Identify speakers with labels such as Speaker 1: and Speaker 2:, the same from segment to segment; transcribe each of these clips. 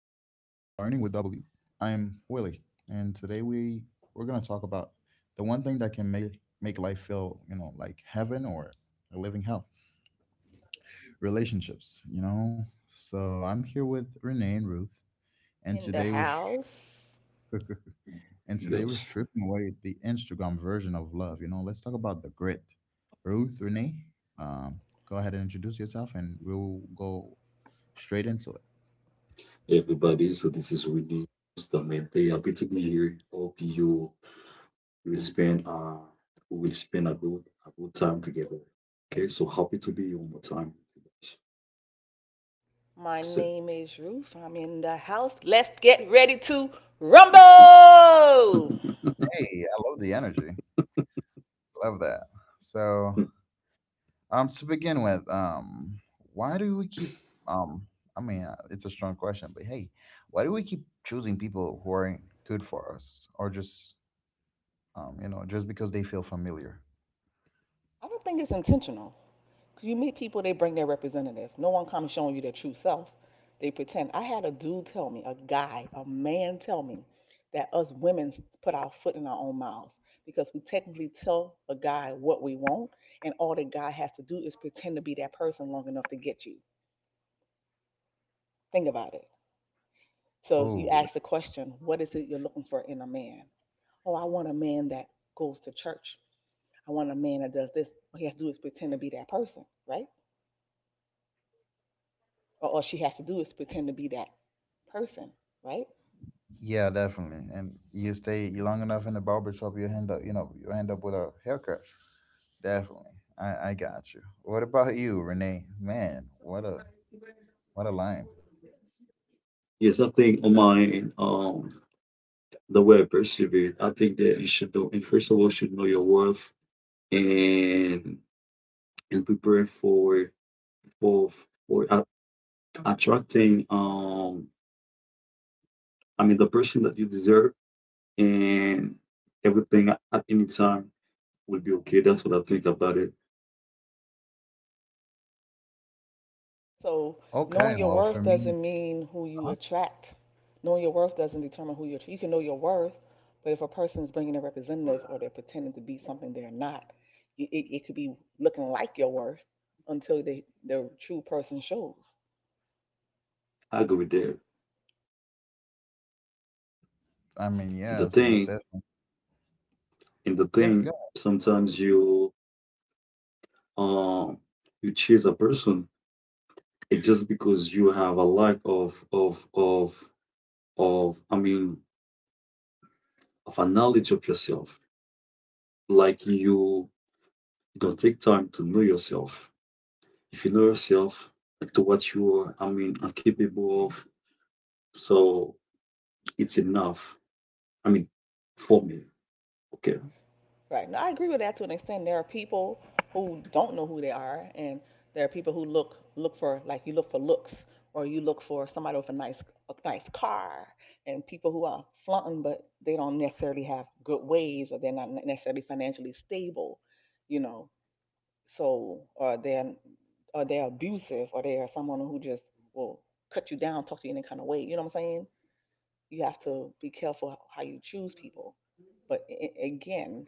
Speaker 1: W. I'm Willie, and today we're gonna talk about the one thing that can make life feel, you know, like heaven or a living hell: relationships. You know, so I'm here with Renee and Ruth, and
Speaker 2: In the house.
Speaker 1: and today we're
Speaker 3: Yes.
Speaker 1: stripping away the Instagram version of love. You know, let's talk about the grit. Ruth, Renee, um, go ahead and introduce yourself, and we'll go straight into it.
Speaker 3: Everybody, so this is Winnie Justamente. Happy to be here. Hope you will spend we will spend a good time together. Okay, so happy to be here one more time.
Speaker 2: My
Speaker 3: That's it.
Speaker 2: name is Ruth. I'm in the house. Let's get ready to rumble.
Speaker 1: Hey, I love the energy. Love that. So, to begin with, why do we keep um? It's a strong question, but hey, why do we keep choosing people who aren't good for us, or just you know, just because they feel familiar?
Speaker 2: I don't think it's intentional. 'Cause you meet people, they bring their representative. No one comes showing you their true self. They pretend. I had a dude tell me, a guy, a man tell me that us women put our foot in our own mouths because we technically tell a guy what we want, and all the guy has to do is pretend to be that person long enough to get you. Think about it. So you
Speaker 1: Oh,
Speaker 2: ask the question, what is it you're looking for in a man? Oh, I want a man that goes to church. I want a man that does this. All he has to do is pretend to be that person, right? Or all she has to do is pretend to be that person, right?
Speaker 1: yeah, definitely. And you stay long enough in the barber shop, you end up, you know, you end up with a haircut. Definitely. I got you. What about you, Renee? Man, what a line.
Speaker 3: Yes, I think on mine, the way I perceive it, I think that you should know, and first of all, should know your worth and and prepare for for attracting I mean, the person that you deserve and everything at any time will be okay. That's what I think about it.
Speaker 2: So
Speaker 1: Okay,
Speaker 2: knowing your
Speaker 1: well for
Speaker 2: worth
Speaker 1: me,
Speaker 2: doesn't mean who you
Speaker 1: uh
Speaker 2: attract. Knowing your worth doesn't determine who you attract. You can know your worth, but if a person is bringing a representative or they're pretending to be something they're not, it could be looking like your worth until they, their true person shows.
Speaker 3: I agree there.
Speaker 1: I mean,
Speaker 3: And the
Speaker 1: yes, most
Speaker 3: thing,
Speaker 1: definitely.
Speaker 3: and the
Speaker 1: Yeah, good.
Speaker 3: thing, sometimes um you chase a person it just because you have a lack of I mean of a knowledge of yourself. Like you don't take time to know yourself. If you know yourself like to what you are, I mean, are capable of, so it's enough. I mean, for me, okay.
Speaker 2: Right. Now, I agree with that to an extent. There are people who don't know who they are, and there are people who look for, like, you look for looks, or you look for somebody with a nice car, and people who are flaunting, but they don't necessarily have good ways, or they're not necessarily financially stable, you know. So, or they're abusive, or they are someone who just will cut you down, talk to you in any kind of way. You know what I'm saying? You have to be careful how you choose people. But again,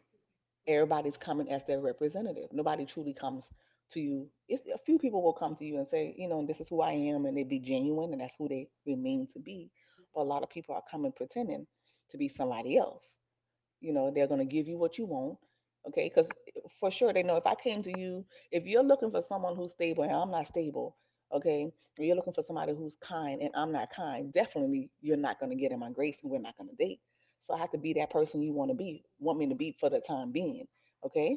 Speaker 2: everybody's coming as their representative. Nobody truly comes to you. It's, a few people will come to you and say, you know, this is who I am, and they be genuine, and that's who they remain to be. But a lot of people are coming pretending to be somebody else. You know they're going to give you what you want. Okay, because for sure they know if I came to you, if you're looking for someone who's stable and I'm not stable, okay, or you're looking for somebody who's kind and I'm not kind, definitely you're not going to get in my grace and we're not going to date. So I have to be that person you want to be, want me to be, for the time being. Okay,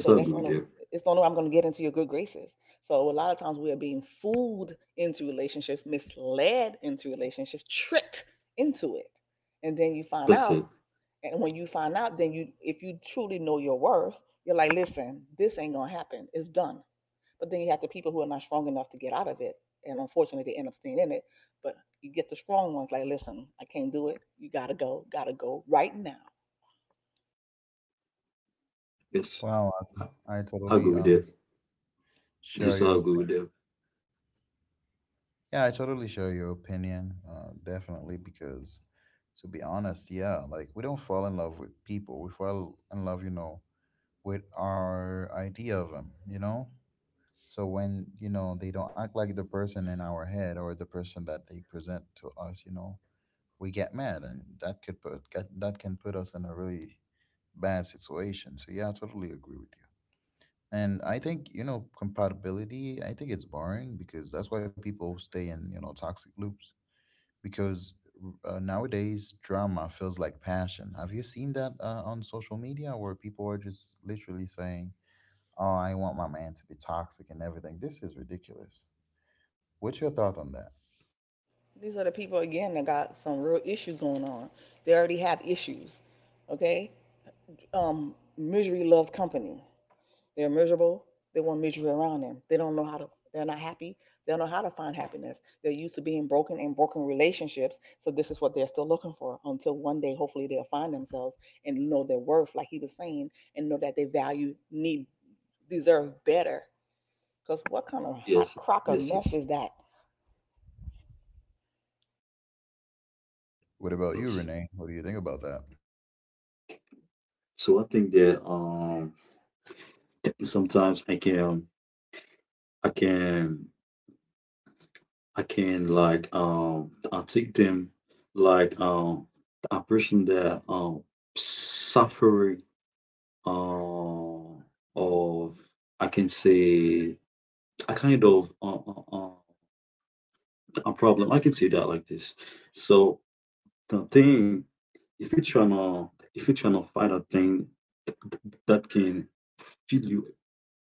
Speaker 2: so
Speaker 3: I
Speaker 2: that's
Speaker 3: agree
Speaker 2: on a,
Speaker 3: with you.
Speaker 2: it's the only way I'm going to get into your good graces. So a lot of times we are being fooled into relationships, misled into relationships, tricked into it, and then you find
Speaker 3: That's
Speaker 2: out.
Speaker 3: it.
Speaker 2: And when you find out, then you, if you truly know your worth, you're like, listen, this ain't gonna happen. It's done. But then you have the people who are not strong enough to get out of it, and unfortunately they end up staying in it. But you get the strong ones, like, listen, I can't do it. You gotta go right now.
Speaker 3: Yes,
Speaker 1: Wow,
Speaker 3: I
Speaker 1: I
Speaker 3: I agree
Speaker 1: totally
Speaker 3: with you.
Speaker 1: share
Speaker 3: Yes, I
Speaker 1: your
Speaker 3: agree
Speaker 1: opinion.
Speaker 3: with you.
Speaker 1: Yeah, I totally share your opinion. Definitely because to be honest, yeah, like we don't fall in love with people. We fall in love, you know, with our idea of them, you know? So when you know they don't act like the person in our head or the person that they present to us, you know, we get mad, and that could that can put us in a really bad situation. So yeah, I totally agree with you. And I think, you know, compatibility, I think it's boring, because that's why people stay in, you know, toxic loops because nowadays drama feels like passion. Have you seen that, on social media, where people are just literally saying, "Oh, I want my man to be toxic and everything." This is ridiculous. What's your thought on that?
Speaker 2: These are the people again that got some real issues going on. They already have issues. Okay, misery loves company. They're miserable. They want misery around them. They don't know how to, they're not happy. They don't know how to find happiness. They're used to being broken in broken relationships. So this is what they're still looking for until one day, hopefully, they'll find themselves and know their worth, like he was saying, and know that they value, need, deserve better. Because what kind of hot
Speaker 3: Yes,
Speaker 2: crock of
Speaker 3: yes,
Speaker 2: mess
Speaker 3: yes,
Speaker 2: is that?
Speaker 1: What about you,
Speaker 3: yes.
Speaker 1: Renee? What do you think about that?
Speaker 3: So I think that sometimes I can I can like I take them like a person that suffering uh, of I can say a kind of a problem. I can say that like this. So the thing, if you try trying to if you try trying to find a thing that can feel you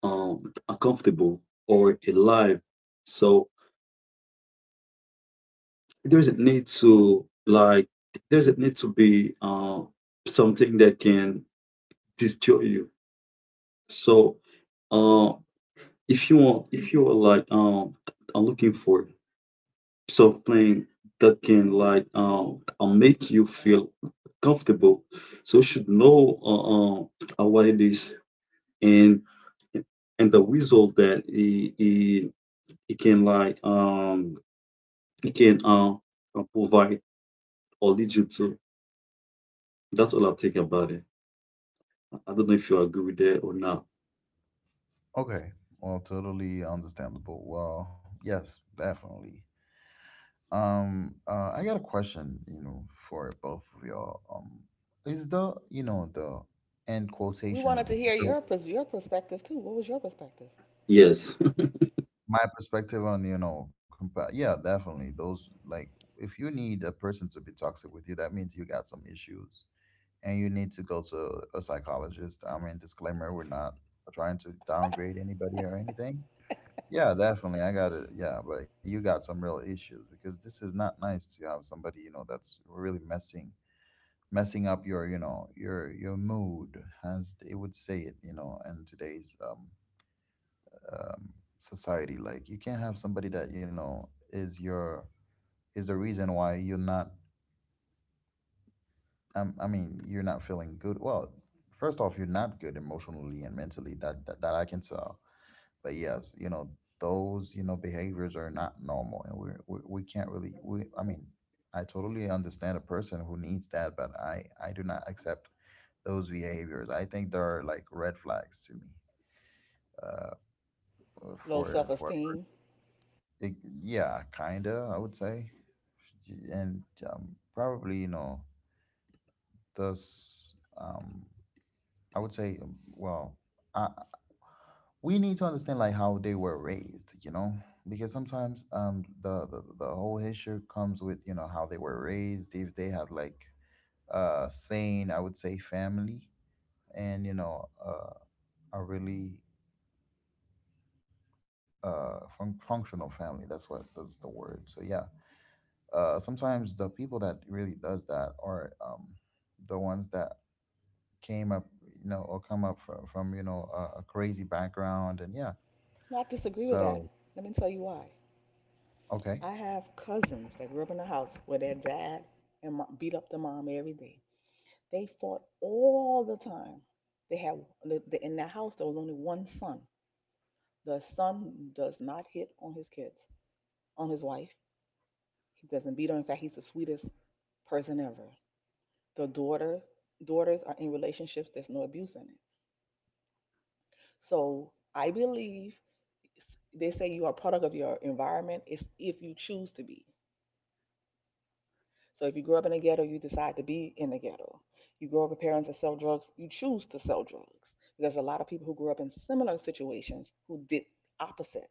Speaker 3: uncomfortable or alive, so there isn't need to like there isn't need to be something that can destroy you. So uh, if you want if you are like are looking for something that can make you feel comfortable, so you should know what it is. and and the result that it can it can uh, provide or lead you to. That's all I think about it. I don't know if you agree with that or not.
Speaker 1: Okay. Well, totally understandable. Well, yes, definitely. I got a question, you know, for both of y'all. Is the, you know, the end
Speaker 2: We wanted to
Speaker 1: quotation,
Speaker 2: hear
Speaker 1: the
Speaker 2: your perspective too. What was your perspective?
Speaker 3: Yes.
Speaker 1: my perspective on, you know, yeah, definitely. Those like, if you need a person to be toxic with you, that means you got some issues and you need to go to a psychologist. I mean, disclaimer, we're not trying to downgrade anybody or anything. Yeah, definitely. I got it. Yeah, but you got some real issues because this is not nice to have somebody, you know, that's really messing up your, you know, your mood, as they would say it, you know, in today's um society. Like you can't have somebody that, you know, is your is the reason why you're not you're not feeling good. Well, first off, you're not good emotionally and mentally. That I can tell, but yes, you know, those, you know, behaviors are not normal and we can't really, I mean, I totally understand a person who needs that, but I do not accept those behaviors. I think they are like red flags to me, uh,
Speaker 2: Low self
Speaker 1: for, for,
Speaker 2: esteem.
Speaker 1: it, yeah, kinda, I would say. And, probably, you know, thus, um, I would say, I, we need to understand like how they were raised, you know, because sometimes the whole issue comes with, you know, how they were raised. If they had like a sane, I would say, family, and you know, a really functional family, that's what that's the word. So yeah, sometimes the people that really does that are the ones that came up, you know, or come up from, you know, a crazy background, and yeah,
Speaker 2: Not disagree with that.
Speaker 1: so
Speaker 2: Let me tell you why.
Speaker 1: okay.
Speaker 2: I have cousins that grew up in a house where their dad and beat up the mom every day. They fought all the time. They have in their house there was only one son. The son does not hit on his kids, on his wife. He doesn't beat her. In fact, he's the sweetest person ever. The daughters are in relationships. There's no abuse in it. So I believe they say you are a product of your environment. It's if you choose to be. So if you grow up in the ghetto, you decide to be in the ghetto. You grow up with parents that sell drugs, you choose to sell drugs. Because a lot of people who grew up in similar situations who did opposite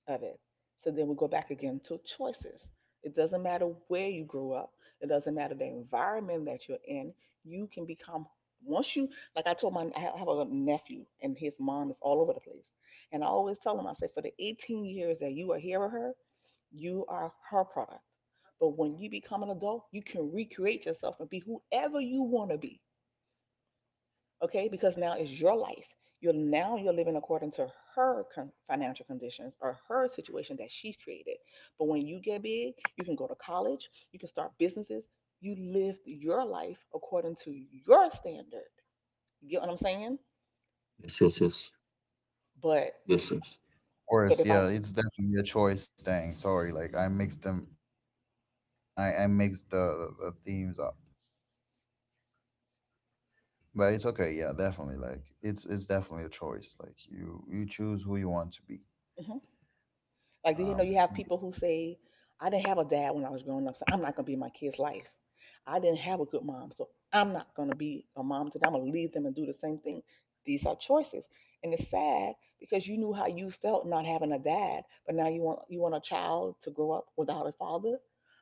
Speaker 2: of it. So then we go back again to choices. It doesn't matter where you grew up, it doesn't matter the environment that you're in. You can become, once you, like I told my, I have a nephew and his mom is all over the place. And I always tell him, I say, for the 18 years that you are here with her, you are her product. But when you become an adult, you can recreate yourself and be whoever you want to be. Okay, because now it's your life. You're now you're living according to her financial conditions or her situation that she's created. But when you get big, you can go to college, you can start businesses, you live your life according to your standard. You get what I'm saying?
Speaker 3: Yes, yes, yes,
Speaker 2: But
Speaker 3: yes, yes,
Speaker 2: but if
Speaker 1: Course,
Speaker 2: I
Speaker 1: yeah, it's definitely a choice thing. Sorry, like I mixed them, I mixed the themes up, but it's okay. Yeah, definitely, like it's definitely a choice. Like you choose who you want to be.
Speaker 2: Mhm. Like, do you know you
Speaker 1: Um,
Speaker 2: have people who say, I didn't have a dad when I was growing up, so I'm not going to be in my kid's life. I didn't have a good mom, so I'm not going to be a mom today. I'm going to leave them and do the same thing. These are choices. And it's sad because you knew how you felt not having a dad, but now you want a child to grow up without a father,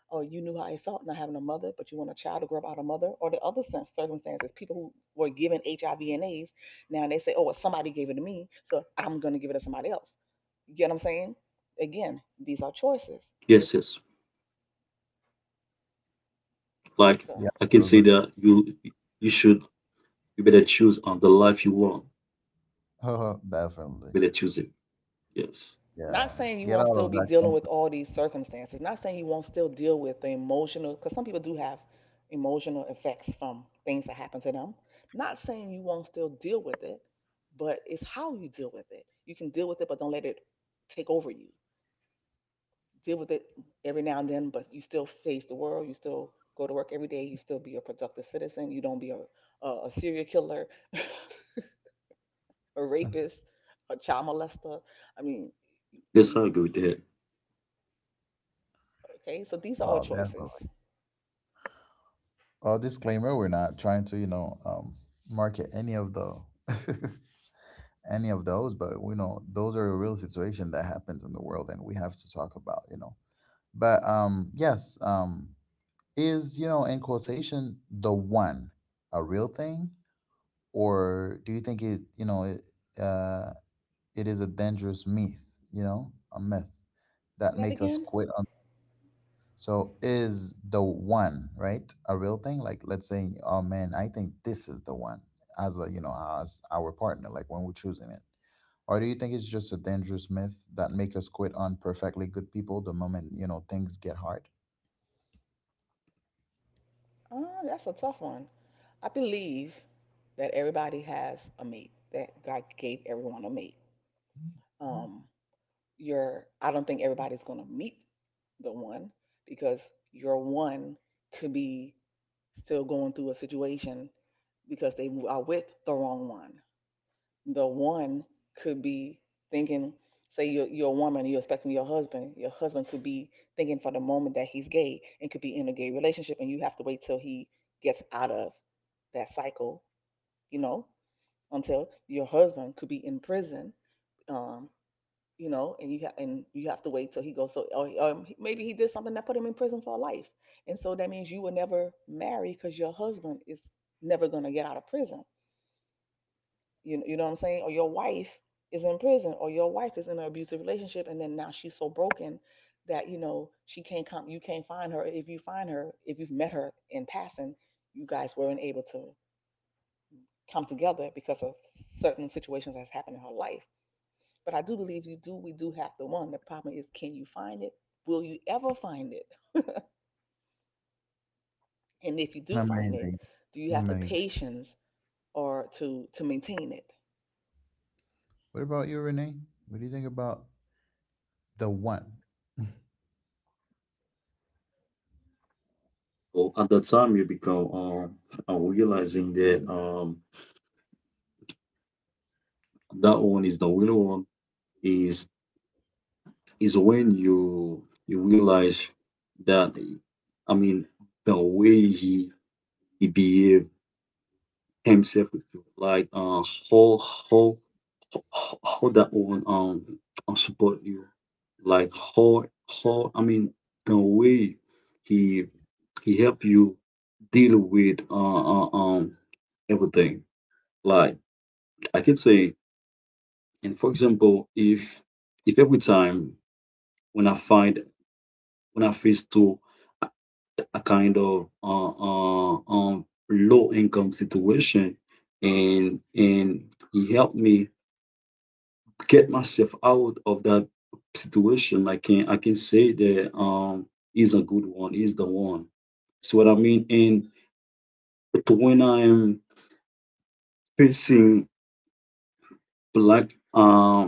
Speaker 2: or you knew how it felt not having a mother, but you want a child to grow up without a mother, or the other circumstances. People who were given HIV and AIDS, now they say, oh, well, somebody gave it to me, so I'm going to give it to somebody else. You get what I'm saying? Again, these are choices.
Speaker 3: yes,
Speaker 2: It's
Speaker 3: yes. Like
Speaker 2: so,
Speaker 1: yeah,
Speaker 3: I can say
Speaker 1: those
Speaker 3: that you should you better choose on the life you want.
Speaker 1: are definitely.
Speaker 3: You better choose it. Yes.
Speaker 2: not
Speaker 1: Yeah,
Speaker 2: saying you
Speaker 1: get
Speaker 2: won't
Speaker 1: out
Speaker 2: still
Speaker 1: of
Speaker 2: be
Speaker 1: that
Speaker 2: dealing with
Speaker 1: comfort.
Speaker 2: all these circumstances. Not saying you won't still deal with the emotional, because some people do have emotional effects from things that happen to them. Not saying you won't still deal with it, but it's how you deal with it. You can deal with it, but don't let it take over you. Deal with it every now and then, but you still face the world. You still go to work every day. You still be a productive citizen. You don't be a serial killer, a rapist, a child
Speaker 3: Yes, I agree with
Speaker 2: molester.
Speaker 3: that.
Speaker 2: I mean, you, okay, so these are all
Speaker 1: Wow,
Speaker 2: choices.
Speaker 1: definitely. Well, disclaimer, we're not trying to, you know, market any of the any of those, but we know those are a real situation that happens in the world and we have to talk about, you know. But yes, is, you know, in quotation, the one a real thing, or do you think it, you know, it uh it is a dangerous myth, you know, a myth
Speaker 2: Say
Speaker 1: that
Speaker 2: that
Speaker 1: make us
Speaker 2: again?
Speaker 1: quit on? So is the one right a real thing? Like let's say, oh man, I think this is the one, as a, you know, as our partner, like when we're choosing it. Or do you think it's just a dangerous myth that make us quit on perfectly good people the moment, you know, things get hard?
Speaker 2: Oh, that's a tough one. I believe that everybody has a mate, that God gave everyone a mate. Um, you're, I don't think everybody's going to meet the one, because your one could be still going through a situation because they are with the wrong one. The one could be thinking, say you're a woman and you're expecting your husband. Your husband could be thinking for the moment that he's gay and could be in a gay relationship, and you have to wait till he gets out of that cycle, you know, until your husband could be in prison, um, you know, and and you have to wait till he goes. So, or maybe he did something that put him in prison for life, and so that means you will never marry because your husband is never gonna get out of prison. You know what I'm saying? Or your wife is in prison, or your wife is in an abusive relationship, and then now she's so broken that you know she can't come. You can't find her. If you find her, if you've met her in passing, you guys weren't able to come together because of certain situations that's happened in her life. But I do believe you do. We do have the one. The problem is, can you find it? Will you ever find it? And if you do find it,
Speaker 1: Amazing.
Speaker 2: do you have the
Speaker 1: Amazing.
Speaker 2: patience or to maintain it?
Speaker 1: What about you, Renee? What do you think about the one?
Speaker 3: Well, at that time you become realizing that that one is the real one is is when you realize that I mean the way he behaved himself with you, like how how how how that one support you, like how I mean the way he he help you deal with everything. Like I can say, and for example, if every time when I find when I face to a kind of low income situation and he helped me get myself out of that situation. I can say that he's a good one, he's the one. So what I mean and but when I'm facing black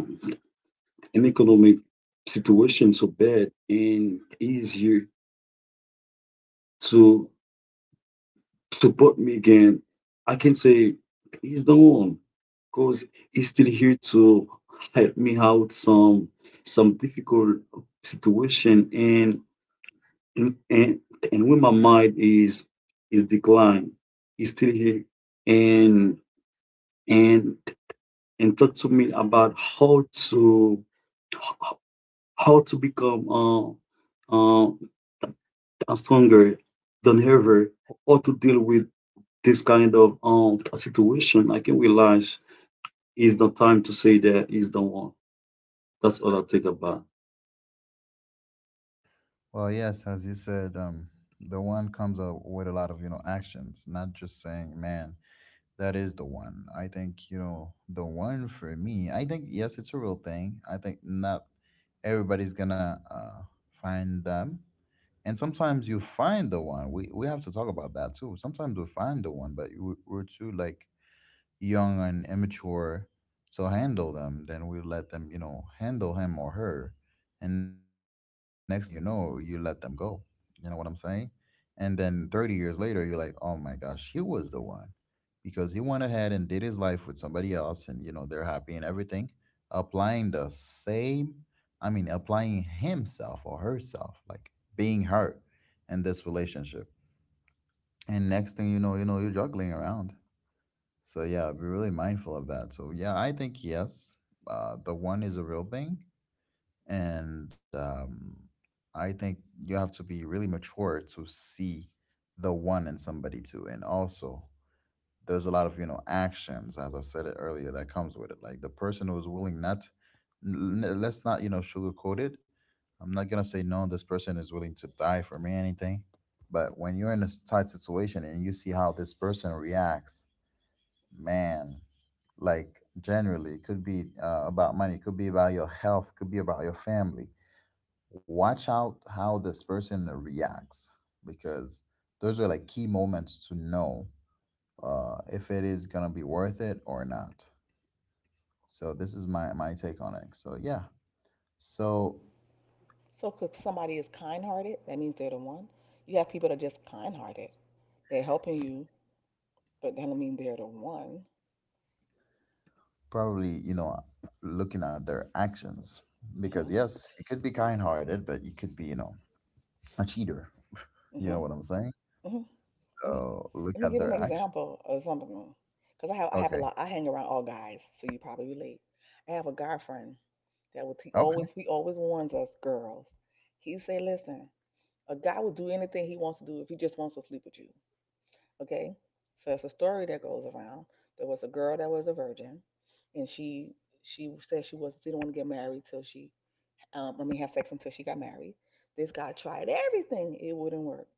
Speaker 3: an economic situation so bad and he's here to support me again, I can say, please don't, because he's still here to help me out some difficult situation. And and and and when my mind is declined, he's still here and and and talk to me about how how to become uh, stronger than ever, how to deal with this kind of situation, I can realize it's the time to say that is the one. That's all I think about.
Speaker 1: Well, yes, as you said, the one comes up with a lot of, you know, actions, not just saying, "Man, that is the one." I think, you know, the one for me, I think, yes, it's a real thing. I think not everybody's gonna find them. And sometimes you find the one. We have to talk about that too. Sometimes we find the one, but we're too like young and immature to handle them. Then we let them, you know, handle him or her. And next thing you know, you let them go. You know what I'm saying? And then 30 years later, you're like, oh my gosh, he was the one, because he went ahead and did his life with somebody else, and you know they're happy and everything, applying the same, I mean applying himself or herself, like being her in this relationship. And next thing you know, you know, you're juggling around. So yeah, be really mindful of that. So yeah, I think, yes, the one is a real thing, and I think you have to be really mature to see the one in somebody too, and also there's a lot of, you know, actions, as I said it earlier, that comes with it, like the person who is willing, not let's not, you know, sugarcoat it. I'm not gonna say no, this person is willing to die for me anything, but when you're in a tight situation and you see how this person reacts, man, like generally it could be, about money, it could be about your health, could be about your family. Watch out how this person reacts, because those are like key moments to know if it is gonna be worth it or not. So this is my take on it. So yeah, so
Speaker 2: So, because somebody is kind-hearted, that means they're the one. You have people that are just kind-hearted. They're helping you, but that don't mean they're the one.
Speaker 1: probably, you know, looking at their actions, because
Speaker 2: Mhm.
Speaker 1: yes, you could be kind-hearted, but you could be, you know, a cheater. You know what
Speaker 2: Mhm.
Speaker 1: I'm saying?
Speaker 2: Mhm. Let me
Speaker 1: So look
Speaker 2: Let me
Speaker 1: at
Speaker 2: give
Speaker 1: their
Speaker 2: an
Speaker 1: action.
Speaker 2: example of something. Because I have a
Speaker 1: Okay.
Speaker 2: lot. I hang around all guys, so you probably relate. I have a guy friend that what
Speaker 1: Okay.
Speaker 2: he always warns us girls. He say, listen, a guy will do anything he wants to do if he just wants to sleep with you. Okay? So it's a story that goes around. There was a girl that was a virgin and she said she didn't want to get married till she I mean have sex until she got married. This guy tried everything, it wouldn't work.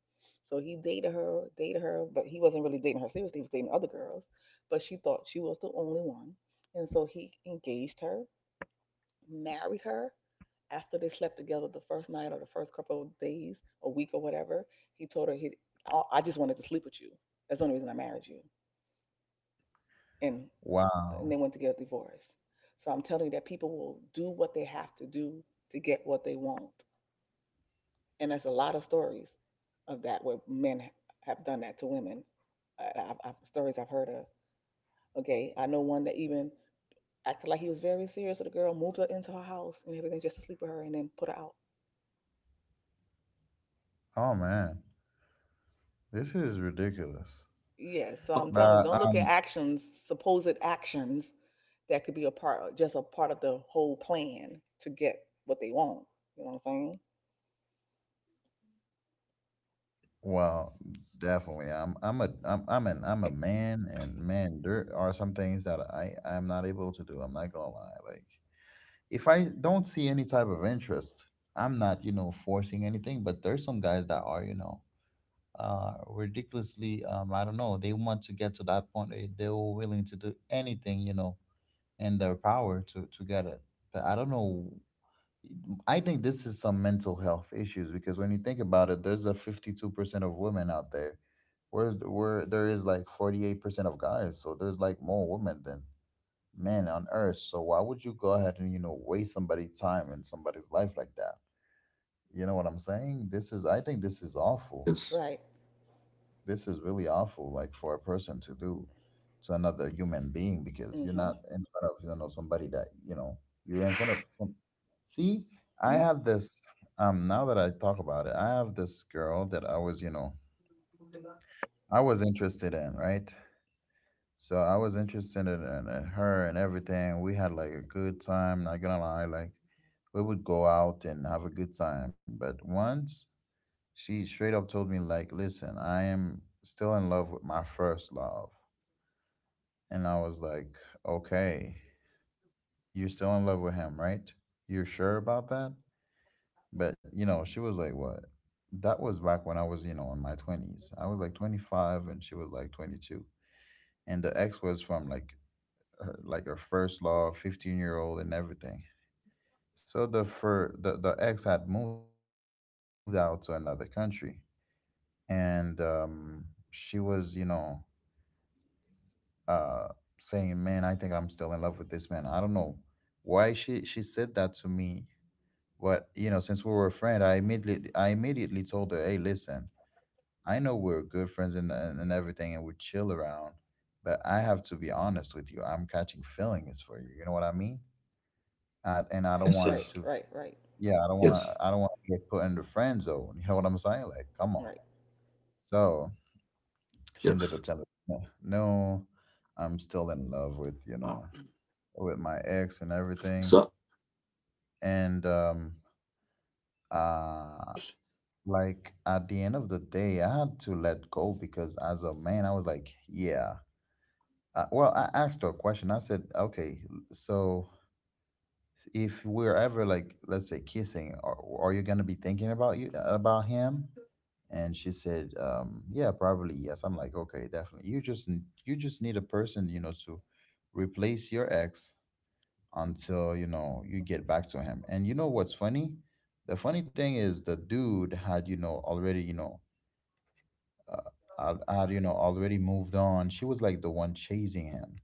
Speaker 2: So he dated her, but he wasn't really dating her seriously, he was dating other girls. But she thought she was the only one. And so he engaged her married her after they slept together the first night or the first couple of days, a week or whatever, he told her, I just wanted to sleep with you. That's the only reason I married you. And and
Speaker 1: Wow.
Speaker 2: they went to get a divorce. So I'm telling you that people will do what they have to do to get what they want. And there's a lot of stories of that where men have done that to women. Stories I've heard of. Okay, I know one that even acted like he was very serious with a girl, moved her into her house and everything just to sleep with her, and then put her out.
Speaker 1: Oh man, this is ridiculous.
Speaker 2: Yes, so
Speaker 3: Oh,
Speaker 2: I'm
Speaker 1: But
Speaker 2: telling you, don't look at actions, supposed actions that could be a part of just a part of the whole plan to get what they want. You know what I'm saying?
Speaker 1: well, definitely. I'm a I'm I'm an I'm a man, and man, there are some things that I'm not able to do. I'm not gonna lie. Like if I don't see any type of interest, I'm not, you know, forcing anything, but there's some guys that are, you know, ridiculously I don't know, they want to get to that point. They are willing to do anything, you know, in their power to get it. But I don't know, I think this is some mental health issues, because when you think about it, there's a 52% of women out there, whereas where there is like 48% of guys. So there's like more women than men on earth. So why would you go ahead and, you know, waste somebody's time and somebody's life like that? You know what I'm saying? This is, I think this is awful,
Speaker 3: yes,
Speaker 2: Right.
Speaker 1: this is really awful, like for a person to do to another human being, because you're not
Speaker 2: Hmm.
Speaker 1: in front of, you know, somebody that, you know, you're in front of some see I
Speaker 2: Mm.
Speaker 1: have this now that I talk about it, I have this girl that I was, you know, I was interested in, right? So I was interested in, in her, and everything we had like a good time, not gonna lie, like we would go out and have a good time. But once, she straight up told me like, listen, I am still in love with my first love. And I was like, okay, you're still in love with him, right? You're sure about that? But, you know, she was like, what? That was back when I was, you know, in my 20s. I was like 25 and she was like 22. And the ex was from like her first love, 15-year-old year old and everything. So the ex had moved out to another country and she was, uh, saying, "Man, I think I'm still in love with this man." I don't know why she said that to me, but you know, since we were a friend, I immediately told her, "Hey, listen, I know we're good friends and everything, and we chill around, but I have to be honest with you. I'm catching feelings for you. You know what I mean? I, and I
Speaker 3: yes,
Speaker 1: don't
Speaker 2: Right,
Speaker 3: yes,
Speaker 1: want it
Speaker 2: right,
Speaker 1: to.
Speaker 2: right, right,
Speaker 1: Yeah, I don't
Speaker 3: yes,
Speaker 1: want to. I don't want to get put in the friend zone. You know what I'm saying? Like, come on."
Speaker 2: right.
Speaker 1: So
Speaker 3: yes.
Speaker 1: she ended up telling me, "No, I'm still in love
Speaker 3: Oh,
Speaker 1: with with my ex and
Speaker 3: so
Speaker 1: everything. And uh like at the end of the day, I had to let go because as a man, I was like, yeah. Well, I asked her a question. I said, okay, so if we're ever like, let's say kissing, are you gonna be thinking about you about him? And she said, yeah, probably yes. I'm like, okay, definitely. You just you just need a person, you know, to replace your ex until, you know, you get back to him. And you know what's funny, the funny thing is the dude had, you know, already, you know, uh, had, you know, already moved on. She was like the one chasing him,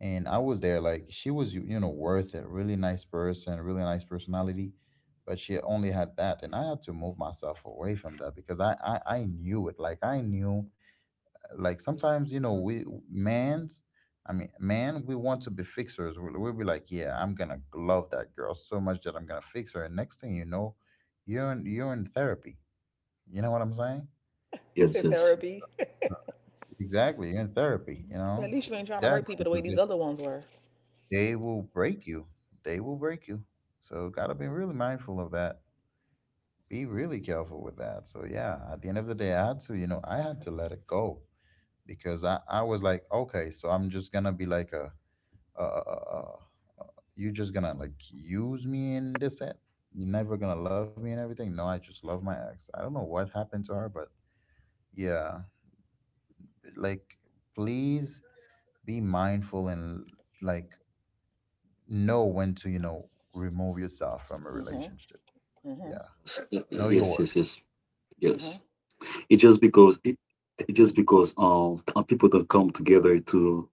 Speaker 1: and I was there like she was, you know, worth it. Really nice person, really nice personality, but she only had that, and I had to move myself away from that because I knew it. Like I knew, like sometimes, you know, we men's, I mean man, we want to be fixers. We'll be like, yeah, I'm gonna love that girl so much that I'm gonna fix her, and next thing you know, you're in therapy. You know what I'm saying?
Speaker 2: You
Speaker 3: yes,
Speaker 2: said
Speaker 3: yes,
Speaker 1: So-
Speaker 2: therapy.
Speaker 1: exactly, you're in therapy, you
Speaker 2: Well,
Speaker 1: know,
Speaker 2: at
Speaker 1: for-
Speaker 2: least you ain't trying to hurt
Speaker 1: definitely,
Speaker 2: people the
Speaker 1: because
Speaker 2: way these other ones were.
Speaker 1: they will break you, they will break you. So gotta be really mindful of that, be really careful with that. So yeah, at the end of the day, I had to, you know, I had to let it go because I was like, okay, so I'm just gonna be like a uh, you're just gonna like use me in this end. You're never gonna love me and everything. No, I just love my ex. I don't know what happened to her, but yeah, like please be mindful and like know when to, you know, remove yourself from a
Speaker 2: Hmm.
Speaker 1: relationship.
Speaker 2: Hmm.
Speaker 1: Yeah,
Speaker 3: yes,
Speaker 1: know your
Speaker 3: yes,
Speaker 1: worth.
Speaker 3: yes, yes, yes.
Speaker 2: Hmm.
Speaker 3: It just because people don't come together to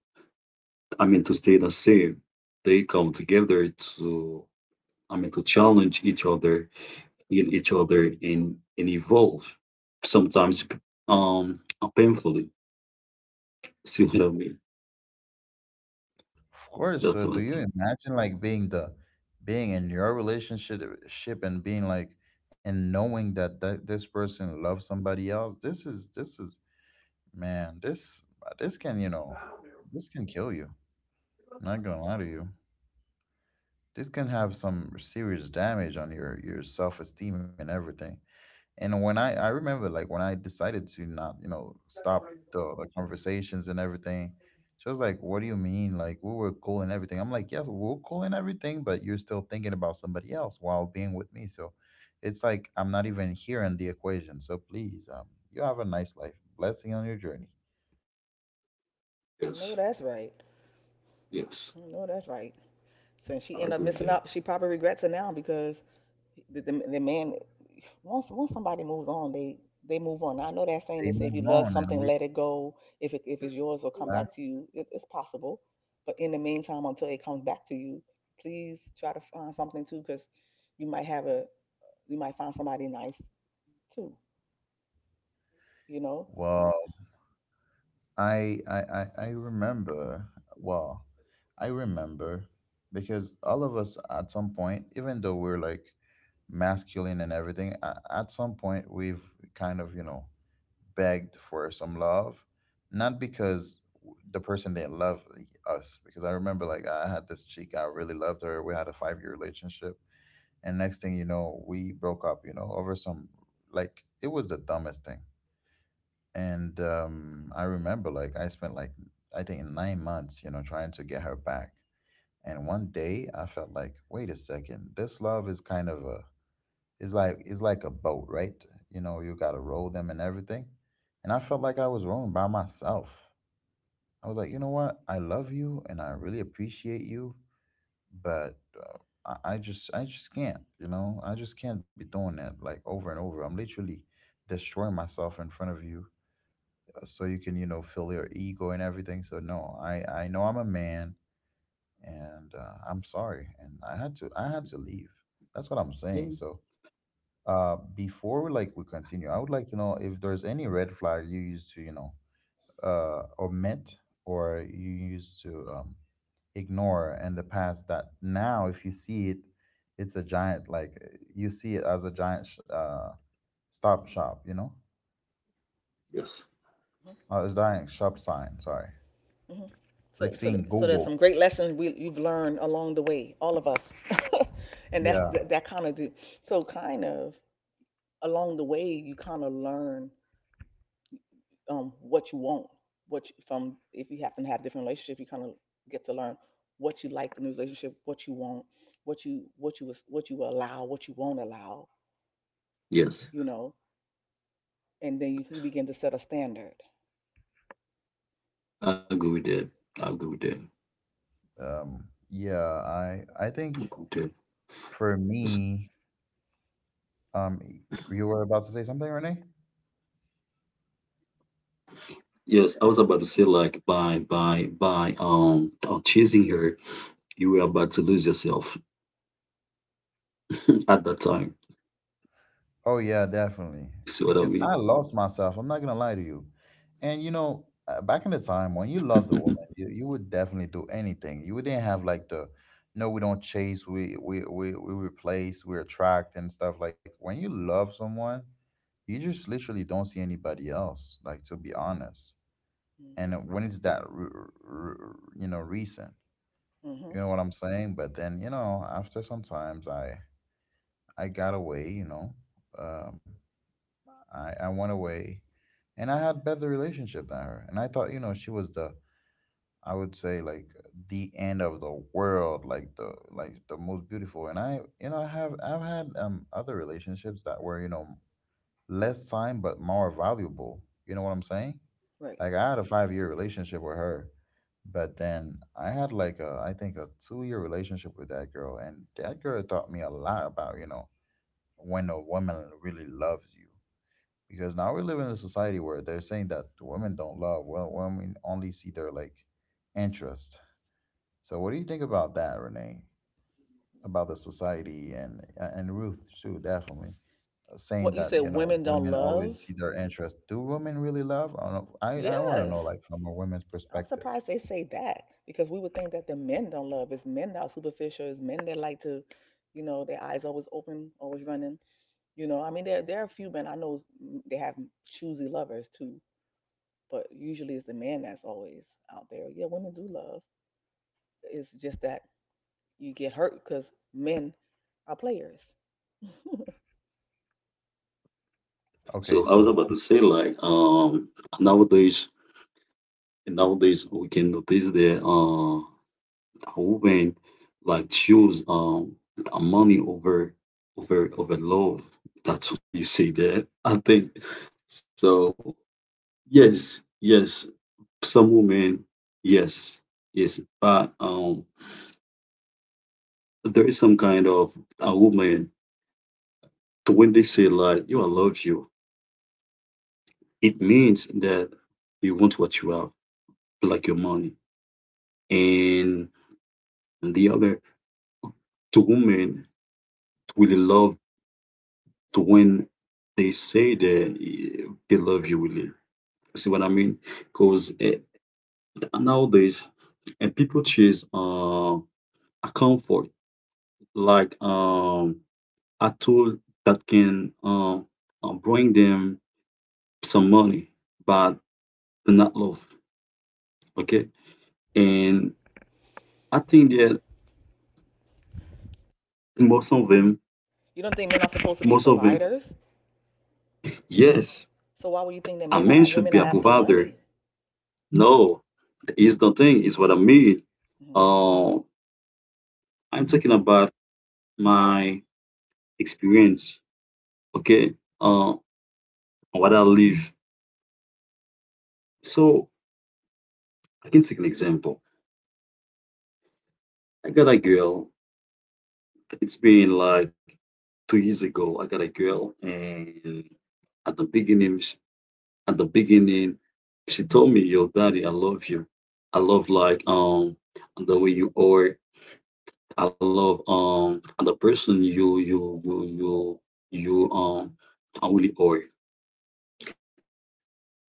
Speaker 3: I mean to stay the same. They come together to I mean to challenge each other in each other and evolve sometimes um painfully, see what I mean?
Speaker 1: Of course. So
Speaker 3: That's
Speaker 1: do
Speaker 3: what I
Speaker 1: you
Speaker 3: think.
Speaker 1: imagine like being the, being in your relationship ship and being like, and knowing that, this person loves somebody else. This is man, this can, you know, this can kill you. I'm not gonna lie to you. This can have some serious damage on your self-esteem and everything. And when I remember like when I decided to not, you know, stop the conversations and everything, she was like, "What do you mean? Like we were cool and everything." I'm like, "Yes, we're cool and everything, but you're still thinking about somebody else while being with me." So it's like I'm not even here in the equation. So please, you have a nice life. Blessing on your journey.
Speaker 2: I
Speaker 3: Yes,
Speaker 2: know that's right.
Speaker 3: yes,
Speaker 2: I know that's right. Since she
Speaker 3: I
Speaker 2: ended
Speaker 3: agree
Speaker 2: up
Speaker 3: with
Speaker 2: missing
Speaker 3: that.
Speaker 2: up, she probably regrets it now because the man once somebody moves on, they move on. Now, I know that
Speaker 1: Stay
Speaker 2: saying that says if you love
Speaker 1: on and
Speaker 2: something
Speaker 1: we.
Speaker 2: let it go, if it's yours it'll come
Speaker 1: That-
Speaker 2: back to you, it's possible, but in the meantime until it comes back to you please try to find something too because you might have a you might find somebody nice too you know
Speaker 1: well, I remember. Well, I remember because all of us at some point, even though we're like masculine and everything, at some point we've kind of, you know, begged for some love, not because the person didn't love us. Because I remember like I had this chick, I really loved her. We had a 5 year relationship, and next thing you know, we broke up. You know, over some, like it was the dumbest thing. And I remember like I spent like, I think, 9 months, you know, trying to get her back. And one day I felt like, wait a second, this love is kind of a is like, a boat, right? You know, you gotta roll them and everything. And I felt like I was rowing by myself. I was like, you know what? I love you and I really appreciate you, but I just, can't, you know, I just can't be doing that like over and over. I'm literally destroying myself in front of you so you can, you know, fill your ego and everything. So no, I I know I'm a man, and I'm sorry, and I had to, leave. That's what I'm saying.
Speaker 3: Yeah.
Speaker 1: So before like we continue, I would like to know if there's any red flag you used to, you know, omit, or you used to ignore in the past that now, if you see it, it's a giant, like you see it as a giant stop shop, you know.
Speaker 3: Yes,
Speaker 1: A giant shop sign, sorry.
Speaker 2: hmm. Hmm. so
Speaker 1: Like
Speaker 2: so
Speaker 1: seeing
Speaker 2: so there's
Speaker 1: Google.
Speaker 2: some great lessons we you've learned along the way, all of us. And that's
Speaker 1: Yeah.
Speaker 2: that kind of do. So kind of along the way you kind of learn what you want, from if you happen to have different relationships, you kind of get to learn what you like in a relationship, what you want, what you allow, what you won't allow, you
Speaker 3: yes,
Speaker 2: know, and then you begin to set a standard.
Speaker 3: I agree with that. I agree with that.
Speaker 1: Yeah, I
Speaker 3: Okay,
Speaker 1: think
Speaker 3: okay.
Speaker 1: for
Speaker 3: S-
Speaker 1: me, um, you were about to say something, Renee?
Speaker 3: yes, I was about to say like by chasing her you were about to lose yourself. At that time,
Speaker 1: Oh
Speaker 3: see
Speaker 1: yeah,
Speaker 3: what I mean?
Speaker 1: definitely. Because I lost myself. I'm not gonna lie to you. And you know, back in the time when you loved a woman, you would definitely do anything. You didn't have like the, no, we don't chase, we replace, we attract and stuff. Like when you love someone, you just literally don't see anybody else. Like to be honest,
Speaker 2: Mm-hmm.
Speaker 1: and when it's that you know, recent.
Speaker 2: Mm-hmm.
Speaker 1: You know what I'm saying? But then, you know, after some times I got away, you know. Um I went away and I had better relationship than her. And I thought, you know, she was the, I would say, like the end of the world, like the most beautiful. And I you know, I've had other relationships that were, you know, less time but more valuable. You know what I'm saying?
Speaker 2: Right.
Speaker 1: Like I had a 5 year relationship with her, but then I had like a, I think, a 2 year relationship with that girl, and that girl taught me a lot about, you know, when a woman really loves you. Because now we live in a society where they're saying that women don't love. Well, women only see their like interest. So what do you think about that, Renee? About the society and Ruth too, definitely saying
Speaker 2: What you
Speaker 1: that,
Speaker 2: said,
Speaker 1: you know,
Speaker 2: women don't
Speaker 1: women
Speaker 2: love.
Speaker 1: always see their interest. Do women really love? I don't know. I want to know
Speaker 2: Yes,
Speaker 1: like from a woman's
Speaker 2: I'm
Speaker 1: perspective.
Speaker 2: surprised they say that because we would think that the men don't love. It's men that are superficial. It's men that like to, their eyes always open, always running. You know, I mean, there are a few men I know, they have choosy lovers too, but usually it's the man that's always out there. Yeah, women do love. It's just that you get hurt because men are players.
Speaker 3: So
Speaker 1: Okay,
Speaker 3: I was
Speaker 1: so
Speaker 3: about to say like nowadays Nowadays, we can notice that women like choose the money over love. That's why you say that. I think so. Yes, yes. Some women, yes, yes. But there is some kind of a woman to when they say like, "You, I love you," it means that you want what you have, like your money, and the other two women really love to when they say they love you, really. See what I mean? Because nowadays, and people chase a comfort like a tool that can bring them some money, but not love. Okay, and I think that most of them,
Speaker 2: You don't think men are supposed to be
Speaker 3: most of them,
Speaker 2: providers,
Speaker 3: yes,
Speaker 2: so why would you think that
Speaker 3: a
Speaker 2: men are
Speaker 3: man
Speaker 2: women
Speaker 3: should be
Speaker 2: are
Speaker 3: a
Speaker 2: after
Speaker 3: provider.
Speaker 2: money?
Speaker 3: No, is the thing. Is what I mean.
Speaker 2: Mhm.
Speaker 3: Uh, I'm talking about my experience, okay, uh, what I live. So I can take an example. I got a girl. It's been like 2 years ago. I got a girl, and at the beginning, at the beginning, she told me, "Yo, daddy, I love you. I love like the way you are. I love the person you I really are."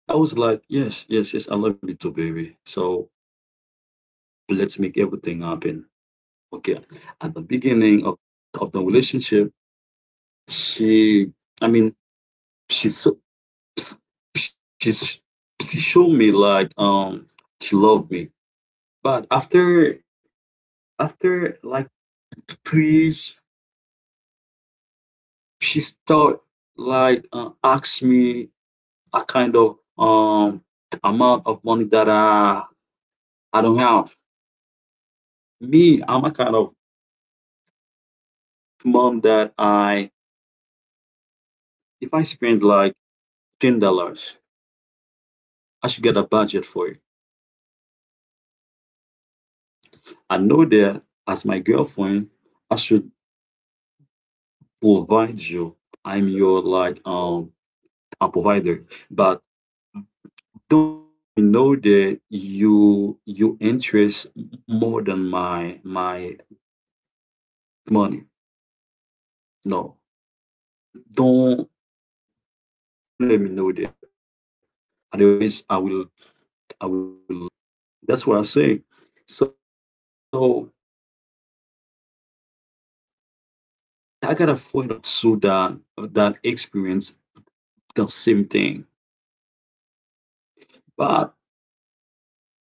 Speaker 3: I was like, "Yes, yes, yes, I love you too, baby." So let's make everything happen. Okay. At the beginning of the relationship, she, I mean, she so ps- she's she showed me like she loved me, but after like 2 years, she start like ask me a kind of amount of money that I don't have. Me, I'm a kind of mom that I if I spend like $10 I should get a budget for it. I know that as my girlfriend, I should provide you. I'm your like a provider, but don't let me know that you interest more than my money. No, don't don't let me know that. Otherwise, I will leave. That's what I say. So I got a friend of mine too that experienced the same thing, but not all all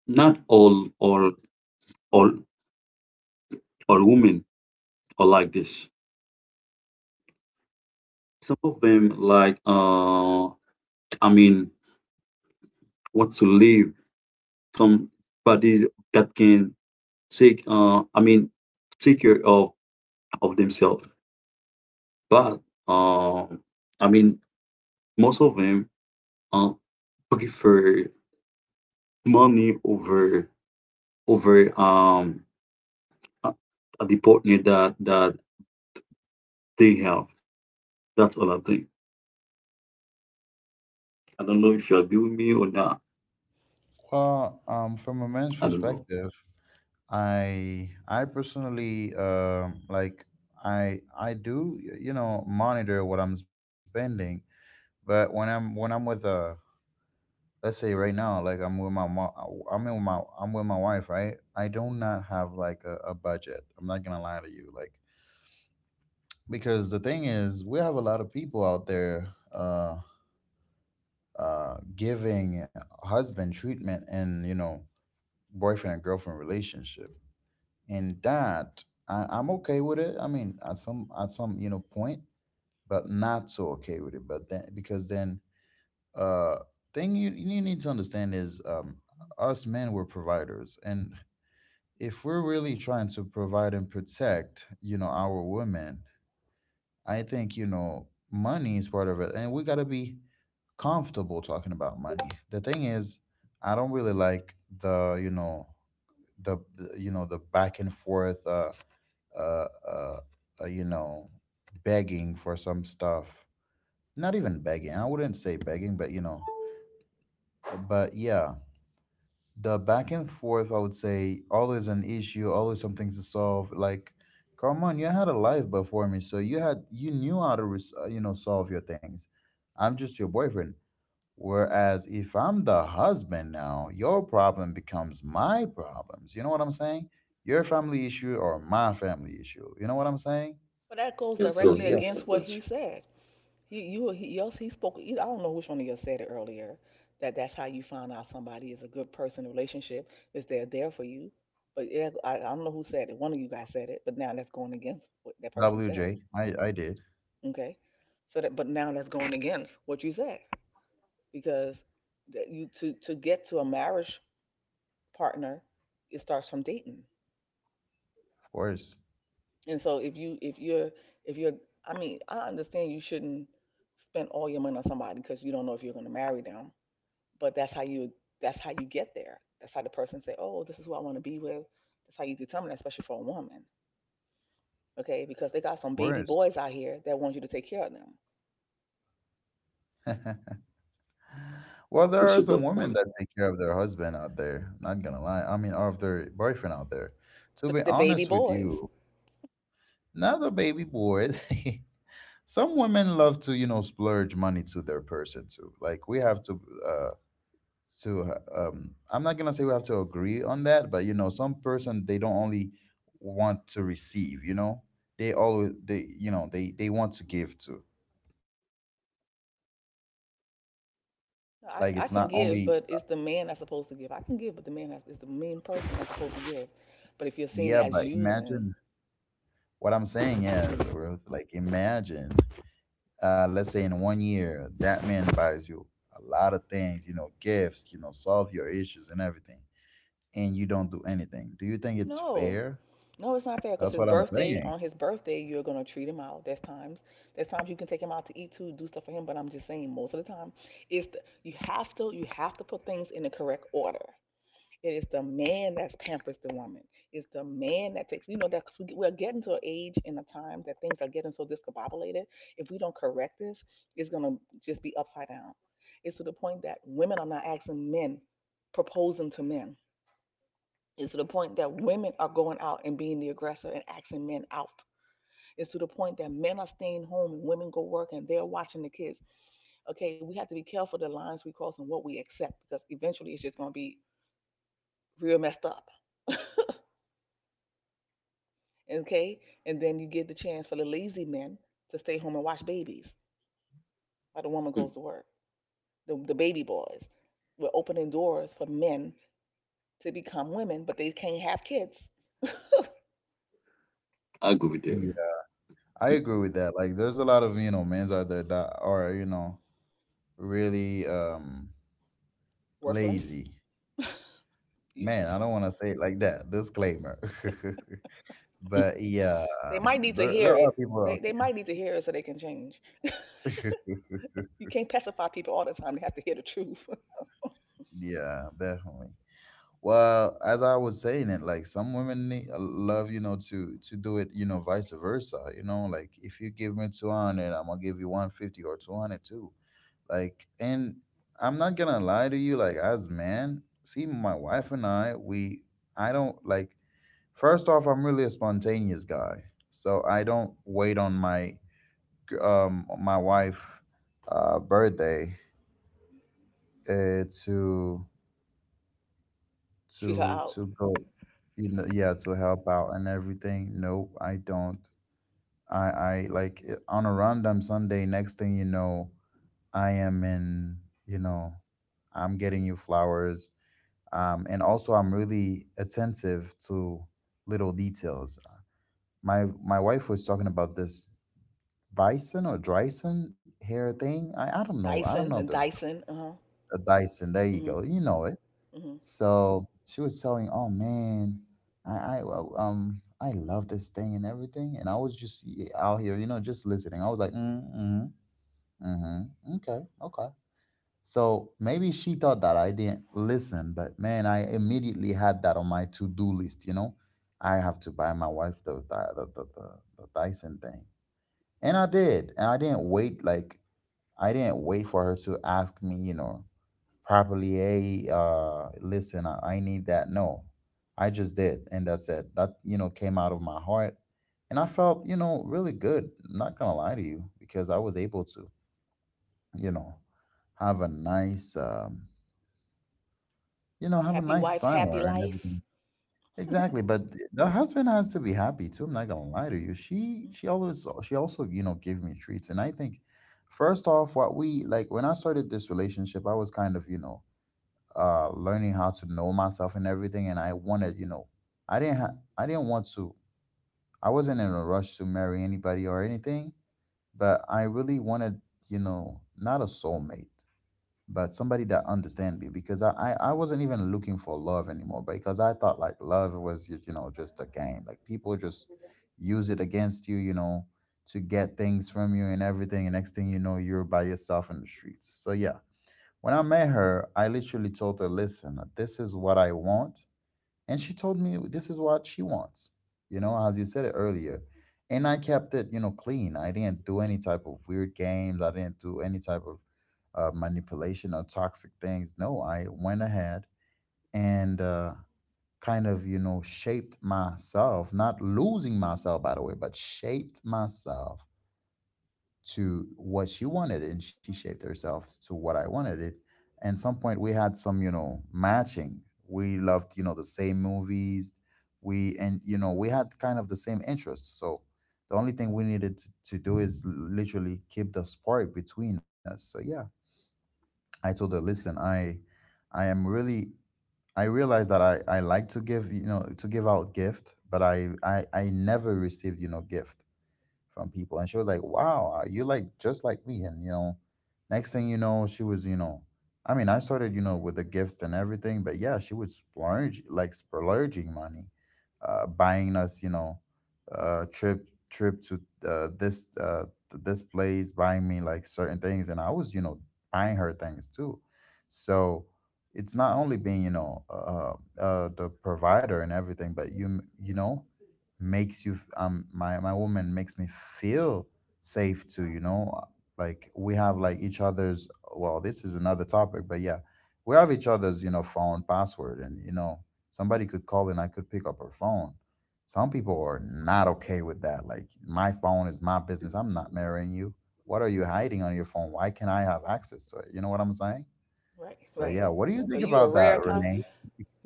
Speaker 3: or women are like this. Some of them like I mean want to live want to somebody that can take I mean take care of themselves. But um I mean most of them uh prefer money over uh, the partner that they have. That's all I think. I don't know if you agree with me or not.
Speaker 1: well, from a man's
Speaker 3: I don't know.
Speaker 1: perspective, I personally like I do you know, monitor what I'm spending, but when I'm, with uh, let's say right now, like I'm with my I'm with my, wife, right? I do not have like a budget. I'm not gonna lie to you, like because the thing is we have a lot of people out there uh giving husband treatment, and you know, boyfriend and girlfriend relationship. And that, I'm okay with it. I mean, at some, you know, point, but not so okay with it. But then because then uh thing you, need to understand is, us men were providers, and if we're really trying to provide and protect, you know, our women, I think, you know, money is part of it, and we gotta be comfortable talking about money. The thing is, I don't really like the, you know, you know, the back and forth uh, uh, you know, begging for some stuff. Not even begging. I wouldn't say begging, but you know, but yeah, the back and forth. I would say always an issue, always something to solve. Like, come on, you had a life before me, so you had, you knew how to you know, solve your things. I'm just your boyfriend. Whereas if I'm the husband now, your problem becomes my problems. You know what I'm saying? Your family issue or my family issue. You know what I'm saying?
Speaker 2: But that goes
Speaker 1: So
Speaker 2: directly
Speaker 1: yeah,
Speaker 3: Yes,
Speaker 2: against
Speaker 3: yes,
Speaker 2: what he
Speaker 3: yes. I got
Speaker 2: said.
Speaker 3: you.
Speaker 2: Yes, he spoke. I don't know which one of you said it earlier. That that's how you find out somebody is a good person in a relationship is they're there for you. But yeah, I don't know who said it. One of you guys said it, but now that's going against what that person said.
Speaker 1: WJ, I did,
Speaker 2: Okay, so that but now that's going against what you said because that you to get to a marriage partner, it starts from dating.
Speaker 1: of course,
Speaker 2: And so if you're I mean I understand you shouldn't spend all your money on somebody because you don't know if you're going to marry them, but that's how you get there, that's how the person say, oh, this is who I want to be with. That's how you determine that, especially for a woman. Okay, because they got
Speaker 1: of
Speaker 2: some baby
Speaker 1: course.
Speaker 2: boys out here that want you to take care of them.
Speaker 1: Well, there are some women
Speaker 3: This
Speaker 1: that
Speaker 3: is the
Speaker 1: take care of
Speaker 3: point.
Speaker 1: their husband out there. Not gonna lie, I mean, or of their boyfriend out there. To
Speaker 2: But
Speaker 1: be
Speaker 2: the baby
Speaker 1: honest with
Speaker 2: boys.
Speaker 1: you, not the baby boy. Some women love to, you know, splurge money to their person too. Like we have to uh, to uh, um I'm not gonna say we have to agree on that, but you know some person they don't only want to receive, they always they you know they want to give too.
Speaker 2: No, I,
Speaker 1: Like
Speaker 2: I
Speaker 1: it's
Speaker 2: can
Speaker 1: not
Speaker 2: give
Speaker 1: only
Speaker 2: but it's the man that's supposed to give, I can give but the man is the main person that's supposed to give, but if you're seeing it
Speaker 1: yeah
Speaker 2: as
Speaker 1: but
Speaker 2: using.
Speaker 1: imagine what I'm saying is
Speaker 2: Mhm.
Speaker 1: Ruth, like imagine let's say in 1 year that man buys you a lot of things, you know, gifts, you know, solve your issues and everything, and you don't do anything. Do you think it's
Speaker 2: No.
Speaker 1: fair?
Speaker 2: No, it's not fair because his
Speaker 1: That's what I'm
Speaker 2: birthday, on
Speaker 1: saying.
Speaker 2: his birthday, you're gonna treat him out. There's times you can take him out to eat too, do stuff for him. But I'm just saying, most of the time, you have to put things in the correct order. It is the man that's pampers the woman. It's the man that takes, that because we're getting to an age and a time that things are getting so discombobulated. If we don't correct this, it's gonna just be upside down. It's to the point that women are not asking men, proposing to men. It's to the point that women are going out and being the aggressor and axing men out. It's to the point that men are staying home and women go work and they're watching the kids. Okay, we have to be careful the lines we cross and what we accept because eventually it's just going to be real messed up. Okay, and then you give the chance for the lazy men to stay home and watch babies while the woman goes to work.
Speaker 3: Hmm,
Speaker 2: The baby boys. We're opening doors for men to become women, but they can't have kids.
Speaker 3: I agree with you.
Speaker 1: I agree with that. Like, there's a lot of, you know, men's out there that are, you know, really
Speaker 2: Worthless,
Speaker 1: lazy. Man,
Speaker 2: useless.
Speaker 1: I don't want to say it like that. Disclaimer. But yeah,
Speaker 3: Hmm.
Speaker 2: They might need to
Speaker 1: there
Speaker 2: hear
Speaker 1: there
Speaker 2: it.
Speaker 1: are people.
Speaker 2: They
Speaker 1: Out-
Speaker 2: they might need to hear it so they can change.
Speaker 1: there.
Speaker 2: You can't pacify people all the time. They have to hear the truth.
Speaker 1: Yeah, definitely. Well, as I was saying it, like some women need, love, you know, to do it, you know, vice versa. You know, like if you give me 200, I'm gonna give you 150 or 200 too. Like, and I'm not gonna lie to you, like, as man, see, my wife and I, we, I don't like, first off, I'm really a spontaneous guy. So I don't wait on my, my wife, birthday, uh, to,
Speaker 2: Treat her out.
Speaker 1: to go, you know, yeah, to help out and everything. Nope, I don't. I like it- on a random Sunday, next thing you know, I am in, you know, I'm getting you flowers. And also I'm really attentive to little details. My wife was talking about this bison or Dryson hair thing. I don't know. I don't know
Speaker 2: Dyson and Dyson. Uh huh.
Speaker 1: the Dyson. There you
Speaker 2: Mhm.
Speaker 1: go. You know it.
Speaker 2: Mhm.
Speaker 1: So she was telling, oh man, I love this thing and everything, and I was just y- out here, you know, just listening. I was like, mm okay, okay. So maybe she thought that I didn't listen, but man, I immediately had that on my to do list. You know, I have to buy my wife the the Dyson thing, and I did, and I didn't wait like I didn't wait for her to ask me, you know, properly. Hey, listen, I need that. No, I just did, and that's it. That, you know, came out of my heart, and I felt, you know, really good. I'm not gonna lie to you because I was able to, you know, have a nice. You know, have a
Speaker 2: Happy
Speaker 1: nice
Speaker 2: wife,
Speaker 1: time with
Speaker 2: happy
Speaker 1: her and
Speaker 2: life.
Speaker 1: everything. Exactly, but th- the husband has to be happy too. I'm not gonna lie to you. She
Speaker 2: Mm.
Speaker 1: she always she also, you know, gave me treats, and I think first off, what we like when I started this relationship, I was kind of, you know, learning how to know myself and everything, and I wanted, you know, I didn't ha- I didn't want to I wasn't in a rush to marry anybody or anything, but I really wanted, you know, not a soulmate but somebody that understand me because I wasn't even looking for love anymore because I thought like love was, you know, just a game, like people just use it against you, you know, to get things from you and everything, and next thing you know, you're by yourself in the streets. So yeah, when I met her, I literally told her, listen, this is what I want, and she told me this is what she wants, you know, as you said it earlier. And I kept it, you know, clean. I didn't do any type of weird games. I didn't do any type of manipulation or toxic things. No, I went ahead and kind of, you know, shaped myself, not losing myself by the way, but shaped myself to what she wanted, and she shaped herself to what I wanted it. And some point we had some, you know, matching. We loved, you know, the same movies. We and, you know, we had kind of the same interests. So the only thing we needed to do is literally keep the spark between us. So yeah, I told her, listen, I am really I realize that I like to give, you know, to give out gift, but I never received, you know, gift from people. And she was like, wow, you like just like me. And, you know, next thing you know, she was, you know, I mean, I started, you know, with the gifts and everything, but yeah, she was splurge, like splurging money, buying us, you know, trip to uh, this uh, this place, buying me like certain things, and I was, you know, buying her things too. So it's not only being, you know, the provider and everything, but you, m- you know, makes you my woman makes me feel safe too, you know, like we have like each other's well this is another topic but yeah, we have each other's, you know, phone password, and you know, somebody could call and I could pick up her phone. Some people are not okay with that. Like, my phone is my business. I'm not marrying you. What are you hiding on your phone? Why can't I have access to it? You know what I'm saying?
Speaker 2: Right.
Speaker 1: So yeah,
Speaker 2: Right.
Speaker 1: what do you think
Speaker 2: Well, you
Speaker 1: about
Speaker 2: a
Speaker 1: that,
Speaker 2: rare kind.
Speaker 1: Renee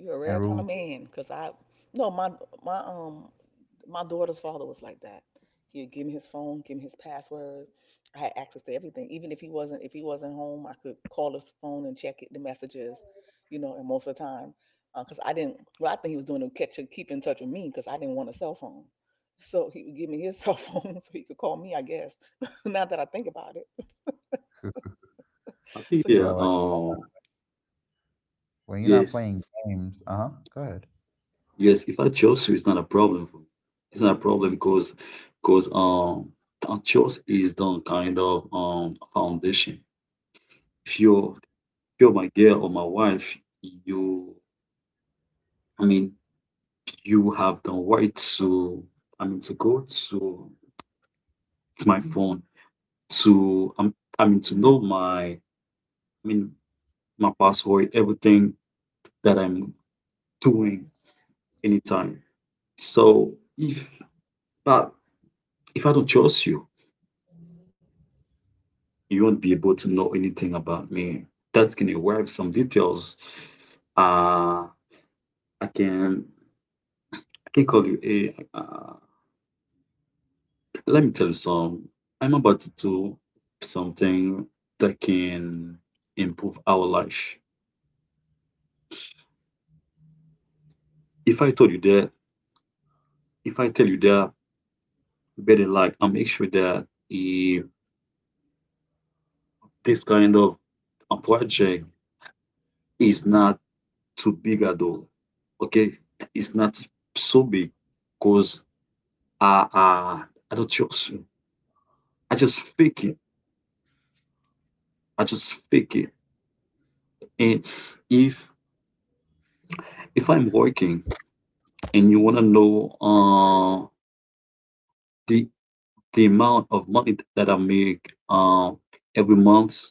Speaker 2: You're a
Speaker 1: and
Speaker 2: rare kind
Speaker 1: Ruth?
Speaker 2: of man, 'cause I no, my um my daughter's father was like that. He'd give me his phone, give me his password. I had access to everything. Even if he wasn't home, I could call his phone and check it, the messages, you know. And most of the time, because I didn't, well, I think he was doing to catch keep in touch with me because I didn't want a cell phone. So he would give me his cell phone so he could call me, I guess. Now that I think about it,
Speaker 3: I think
Speaker 2: so
Speaker 3: yeah,
Speaker 2: you,
Speaker 1: Well, when you're not
Speaker 3: yes,
Speaker 1: playing games, uh-huh, go ahead.
Speaker 3: yes. If I chose you, it's not a problem for me. It's not a problem because choice is the kind of foundation. If you're if you're my girl or my wife, you, I mean, you have the right to, I mean, to go to my phone to, I mean, to know my, I mean, my password, everything that I'm doing anytime. So but if I don't trust you, you won't be able to know anything about me. That can derive some details. Uh, I can I can call you a. Let me tell you some. I'm about to do something that can improve our life. If I told you that, if I tell you that, better like I make sure that this kind of a project is not too big at all. Okay, it's not so big because I, I I don't just I just fake it. I just fake it. And if if I'm working and you wanna know the the amount of money that I make every month,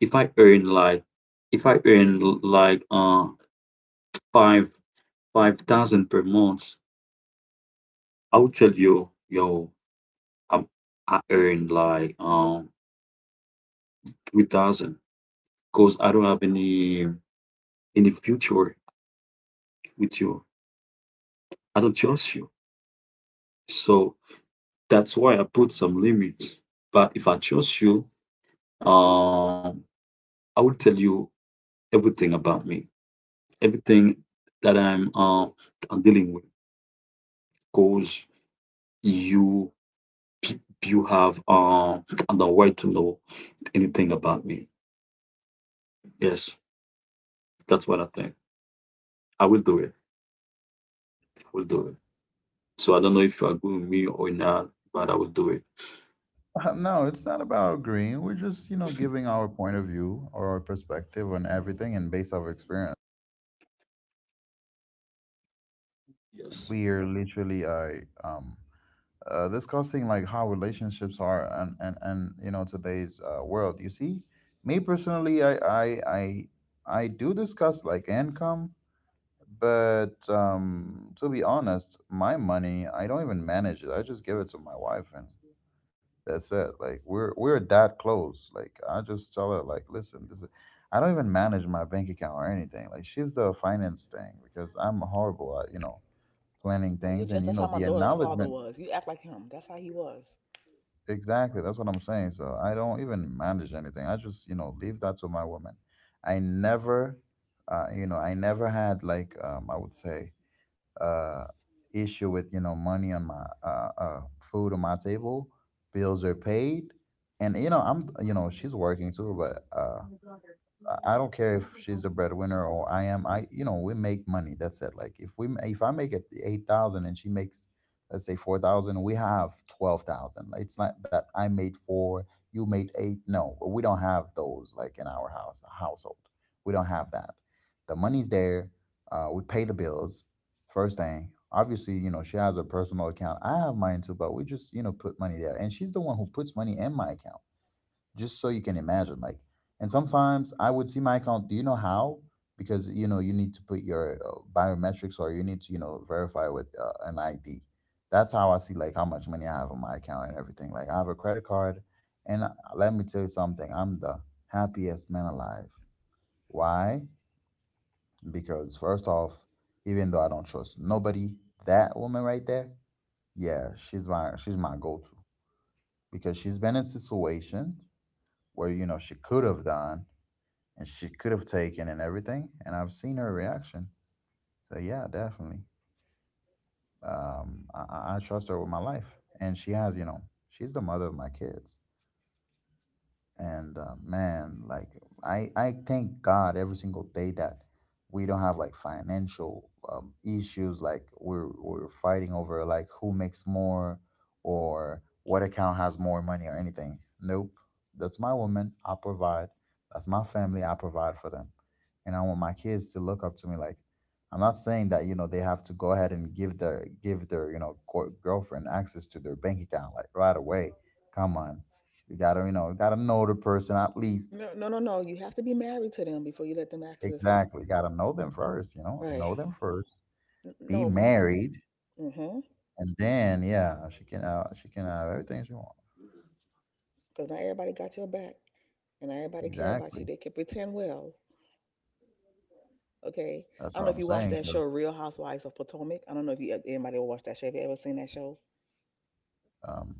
Speaker 3: if I earn like if I earn like five five thousand per month, I will tell you yo I'm I earn like 3,000 because I don't have any future with you. I don't trust you. So that's why I put some limits. But if I trust you, um, I will tell you everything about me, everything that I'm dealing with, because you you have the right to know anything about me. Yes, that's what I think. I will do it. I will do it. So I don't know if you agree with me or not, but I will do it.
Speaker 1: No, it's not about agreeing. We're just, you know, giving our point of view or our perspective on everything and based off experience.
Speaker 3: Yes.
Speaker 1: We are literally discussing like how relationships are and you know today's world. You see, me personally, I, I do discuss like income, but to be honest, my money I don't even manage it. I just give it to my wife and that's it. Like we're that close. Like I just tell her, like, listen, this is, I don't even manage my bank account or anything. Like she's the finance thing because I'm horrible at, you know, planning
Speaker 2: you
Speaker 1: things and
Speaker 2: just
Speaker 1: you
Speaker 2: that's
Speaker 1: know
Speaker 2: how my
Speaker 1: the
Speaker 2: daughter's father
Speaker 1: acknowledgement.
Speaker 2: was. You act like him. That's how he was.
Speaker 1: Exactly. That's what I'm saying. So I don't even manage anything. I just, you know, leave that to my woman. I never you know, I never had like I would say uh, issue with, you know, money on my food on my table, bills are paid, and you know I'm, you know, she's working too, but I don't care if she's the breadwinner or I am. I, you know, we make money. That's it. Like if we ma- if I make it 8,000 and she makes let's say 4,000, we have 12,000. Like, it's not that I made four, you made eight. No, we don't have those like in our house household. We don't have that. The money's there. We pay the bills first thing. Obviously, you know she has a personal account. I have mine too, but we just, you know, put money there, and she's the one who puts money in my account just so you can imagine like. And sometimes I would see my account, do you know how, because you know you need to put your biometrics or you need to, you know, verify with an ID. That's how I see like how much money I have on my account and everything. Like I have a credit card and let me tell you something, I'm the happiest man alive. Why? Because first off, even though I don't trust nobody, that woman right there, yeah, she's my go-to because she's been in situations where, you know, she could have done and she could have taken and everything. And I've seen her reaction. So yeah, definitely. I trust her with my life, and she has. You know, she's the mother of my kids, and man, like I thank God every single day that we don't have like financial issues, like we're fighting over like who makes more or what account has more money or anything. Nope. That's my woman, I provide. That's my family, I provide for them. And I want my kids to look up to me, like I'm not saying that, you know, they have to go ahead and give their you know gir- girlfriend access to their bank account like right away. Come on. You gotta, you know, you gotta know the person at least.
Speaker 2: No, no, no, no. You have to be married to them before you let them access.
Speaker 1: Exactly. You gotta know them first, you
Speaker 2: Right.
Speaker 1: know them first.
Speaker 2: N-
Speaker 1: Be
Speaker 2: No, my.
Speaker 1: married,
Speaker 2: Mm-hmm.
Speaker 1: and then yeah, she can have everything she wants.
Speaker 2: Because not everybody got your back, and not everybody care about
Speaker 1: Exactly.
Speaker 2: you. They can pretend well. Okay.
Speaker 1: That's
Speaker 2: I
Speaker 1: what
Speaker 2: don't know if
Speaker 1: I'm
Speaker 2: you watch
Speaker 1: saying.
Speaker 2: that
Speaker 1: So
Speaker 2: show, Real Housewives of Potomac. I don't know if you anybody will watch that show. Have you ever seen that show?
Speaker 1: um,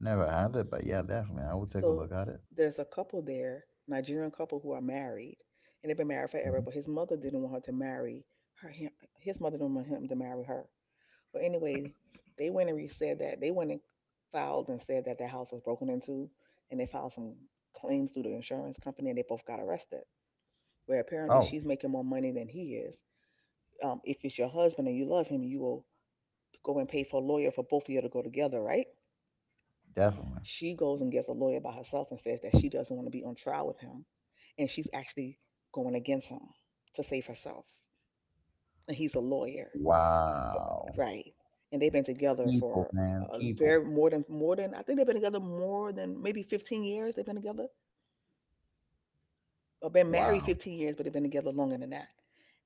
Speaker 1: never had it, but yeah, definitely, I will take a
Speaker 2: So
Speaker 1: look at it.
Speaker 2: there's a couple there, Nigerian couple who are married, and they've been married forever.
Speaker 1: Mhm.
Speaker 2: But his mother didn't want her to marry her. Him, his mother didn't want him to marry her. But anyway, they went and said that they went and filed and said that their house was broken into, and they filed some claims through the insurance company, and they both got arrested. Where apparently
Speaker 1: Oh,
Speaker 2: she's making more money than he is. If it's your husband and you love him, you will go and pay for a lawyer for both of you to go together, right?
Speaker 1: definitely.
Speaker 2: She goes and gets a lawyer by herself and says that she doesn't want to be on trial with him, and she's actually going against him to save herself, and he's a lawyer.
Speaker 1: Wow.
Speaker 2: Right. And they've been together
Speaker 1: People,
Speaker 2: for
Speaker 1: man,
Speaker 2: a
Speaker 1: people.
Speaker 2: very more than I think they've been together more than maybe 15 years. They've been together. Or been married
Speaker 1: Wow.
Speaker 2: 15 years, but they've been together longer than that.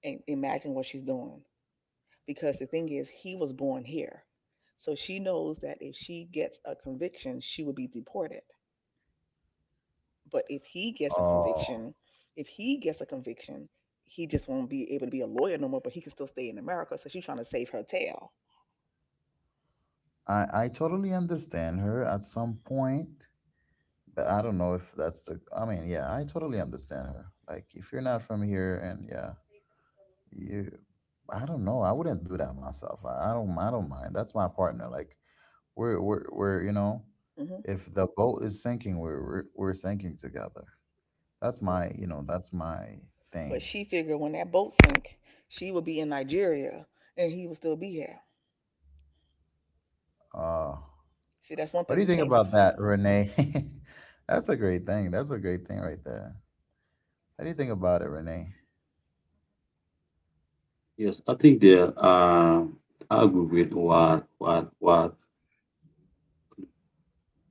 Speaker 2: And imagine what she's doing. Because the thing is, he was born here. So she knows that if she gets a conviction, she will be deported. But if he gets a
Speaker 1: Oh,
Speaker 2: conviction, if he gets a conviction, he just won't be able to be a lawyer no more, but he can still stay in America. So she's trying to save her tail.
Speaker 1: I totally understand her at some point. But I don't know if that's the. I mean, yeah, I totally understand her. Like, if you're not from here, and yeah, you, I don't know. I wouldn't do that myself. I don't. I don't mind. That's my partner. Like, we're
Speaker 2: Hmm.
Speaker 1: if the boat is sinking, we're sinking together. That's my. That's my
Speaker 2: But
Speaker 1: thing.
Speaker 2: she figured when that boat sank, she would be in Nigeria and he would still be here.
Speaker 1: Uh,
Speaker 2: See, that's one
Speaker 1: what
Speaker 2: thing
Speaker 1: do you
Speaker 2: you
Speaker 1: think
Speaker 2: can't stop.
Speaker 1: about that, Renee? That's a great thing. That's a great thing right there. What do you think about it, Renee?
Speaker 3: Yes, I think there I agree with what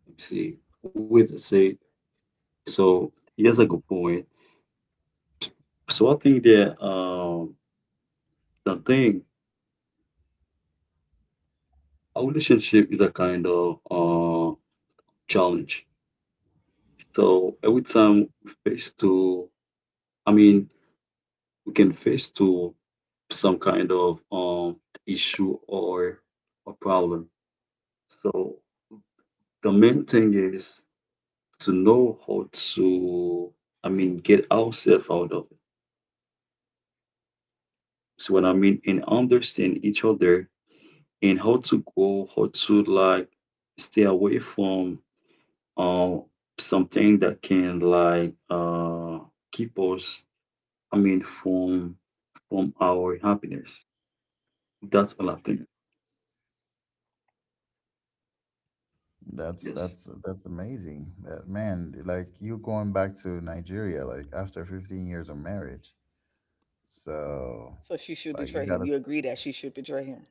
Speaker 3: let me see with say so yes a good point. So I think that the thing our relationship is a kind of challenge. So every time we face to I mean we can face to some kind of issue or a problem. So the main thing is to know how to I mean get ourselves out of. So what I mean in understand each other and how to like stay away from uh, something that can like keep us, I mean, from our happiness. That's all I think.
Speaker 1: That's
Speaker 3: Yes,
Speaker 1: that's that's amazing. That man, like you going back to Nigeria like after 15 years of marriage. So
Speaker 2: So she should
Speaker 1: like
Speaker 2: betray him. You agree that she should betray him.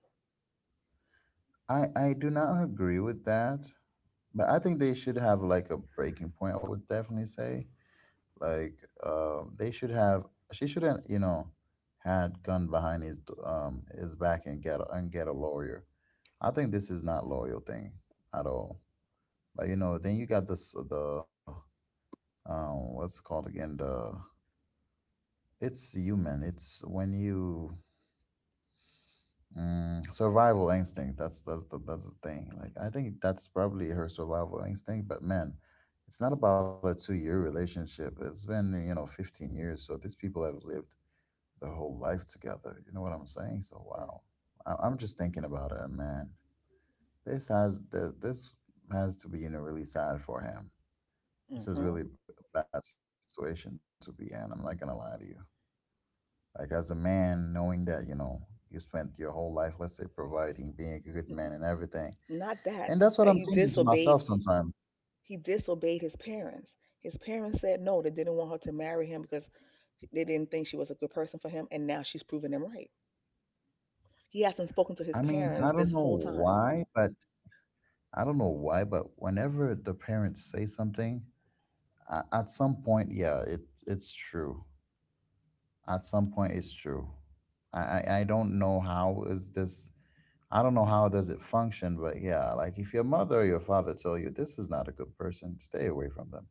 Speaker 1: I do not agree with that, but I think they should have like a breaking point, I would definitely say. Like they should have she shouldn't, you know, had gun behind his his back and get and get a lawyer. I think this is not loyal thing at all. But you know, then you got this the what's it called again the it's human. It's when you survival instinct. That's the thing. Like I think that's probably her survival instinct. But man, it's not about a 2 year relationship. It's been you know 15 years. So these people have lived their whole life together. You know what I'm saying? So
Speaker 2: Right.
Speaker 1: wow, I'm just thinking about it, and man. This has th- this has to be you know really sad for him. This is
Speaker 2: Mm-hmm.
Speaker 1: really a bad situation to be in. I'm not gonna lie to you. Like as a man, knowing that, you know, you spent your whole life, let's say, providing, being a good
Speaker 2: Mm-mm.
Speaker 1: man and everything.
Speaker 2: Not that,
Speaker 1: And that's what
Speaker 2: that
Speaker 1: I'm
Speaker 2: you
Speaker 1: thinking to
Speaker 2: disobeyed.
Speaker 1: myself sometimes.
Speaker 2: He disobeyed his parents. His parents said no, they didn't want her to marry him because they didn't think she was a good person for him. And now she's proving them right. He hasn't spoken to his
Speaker 1: I mean, I
Speaker 2: parents
Speaker 1: don't
Speaker 2: this
Speaker 1: know
Speaker 2: whole time.
Speaker 1: why, but I don't know why, but whenever the parents say something, at some point, yeah, it's true. At some point, it's true. I, I don't know how is this. I don't know how does it function, but yeah, like if your mother or your father tell you this is not a good person, stay away from them.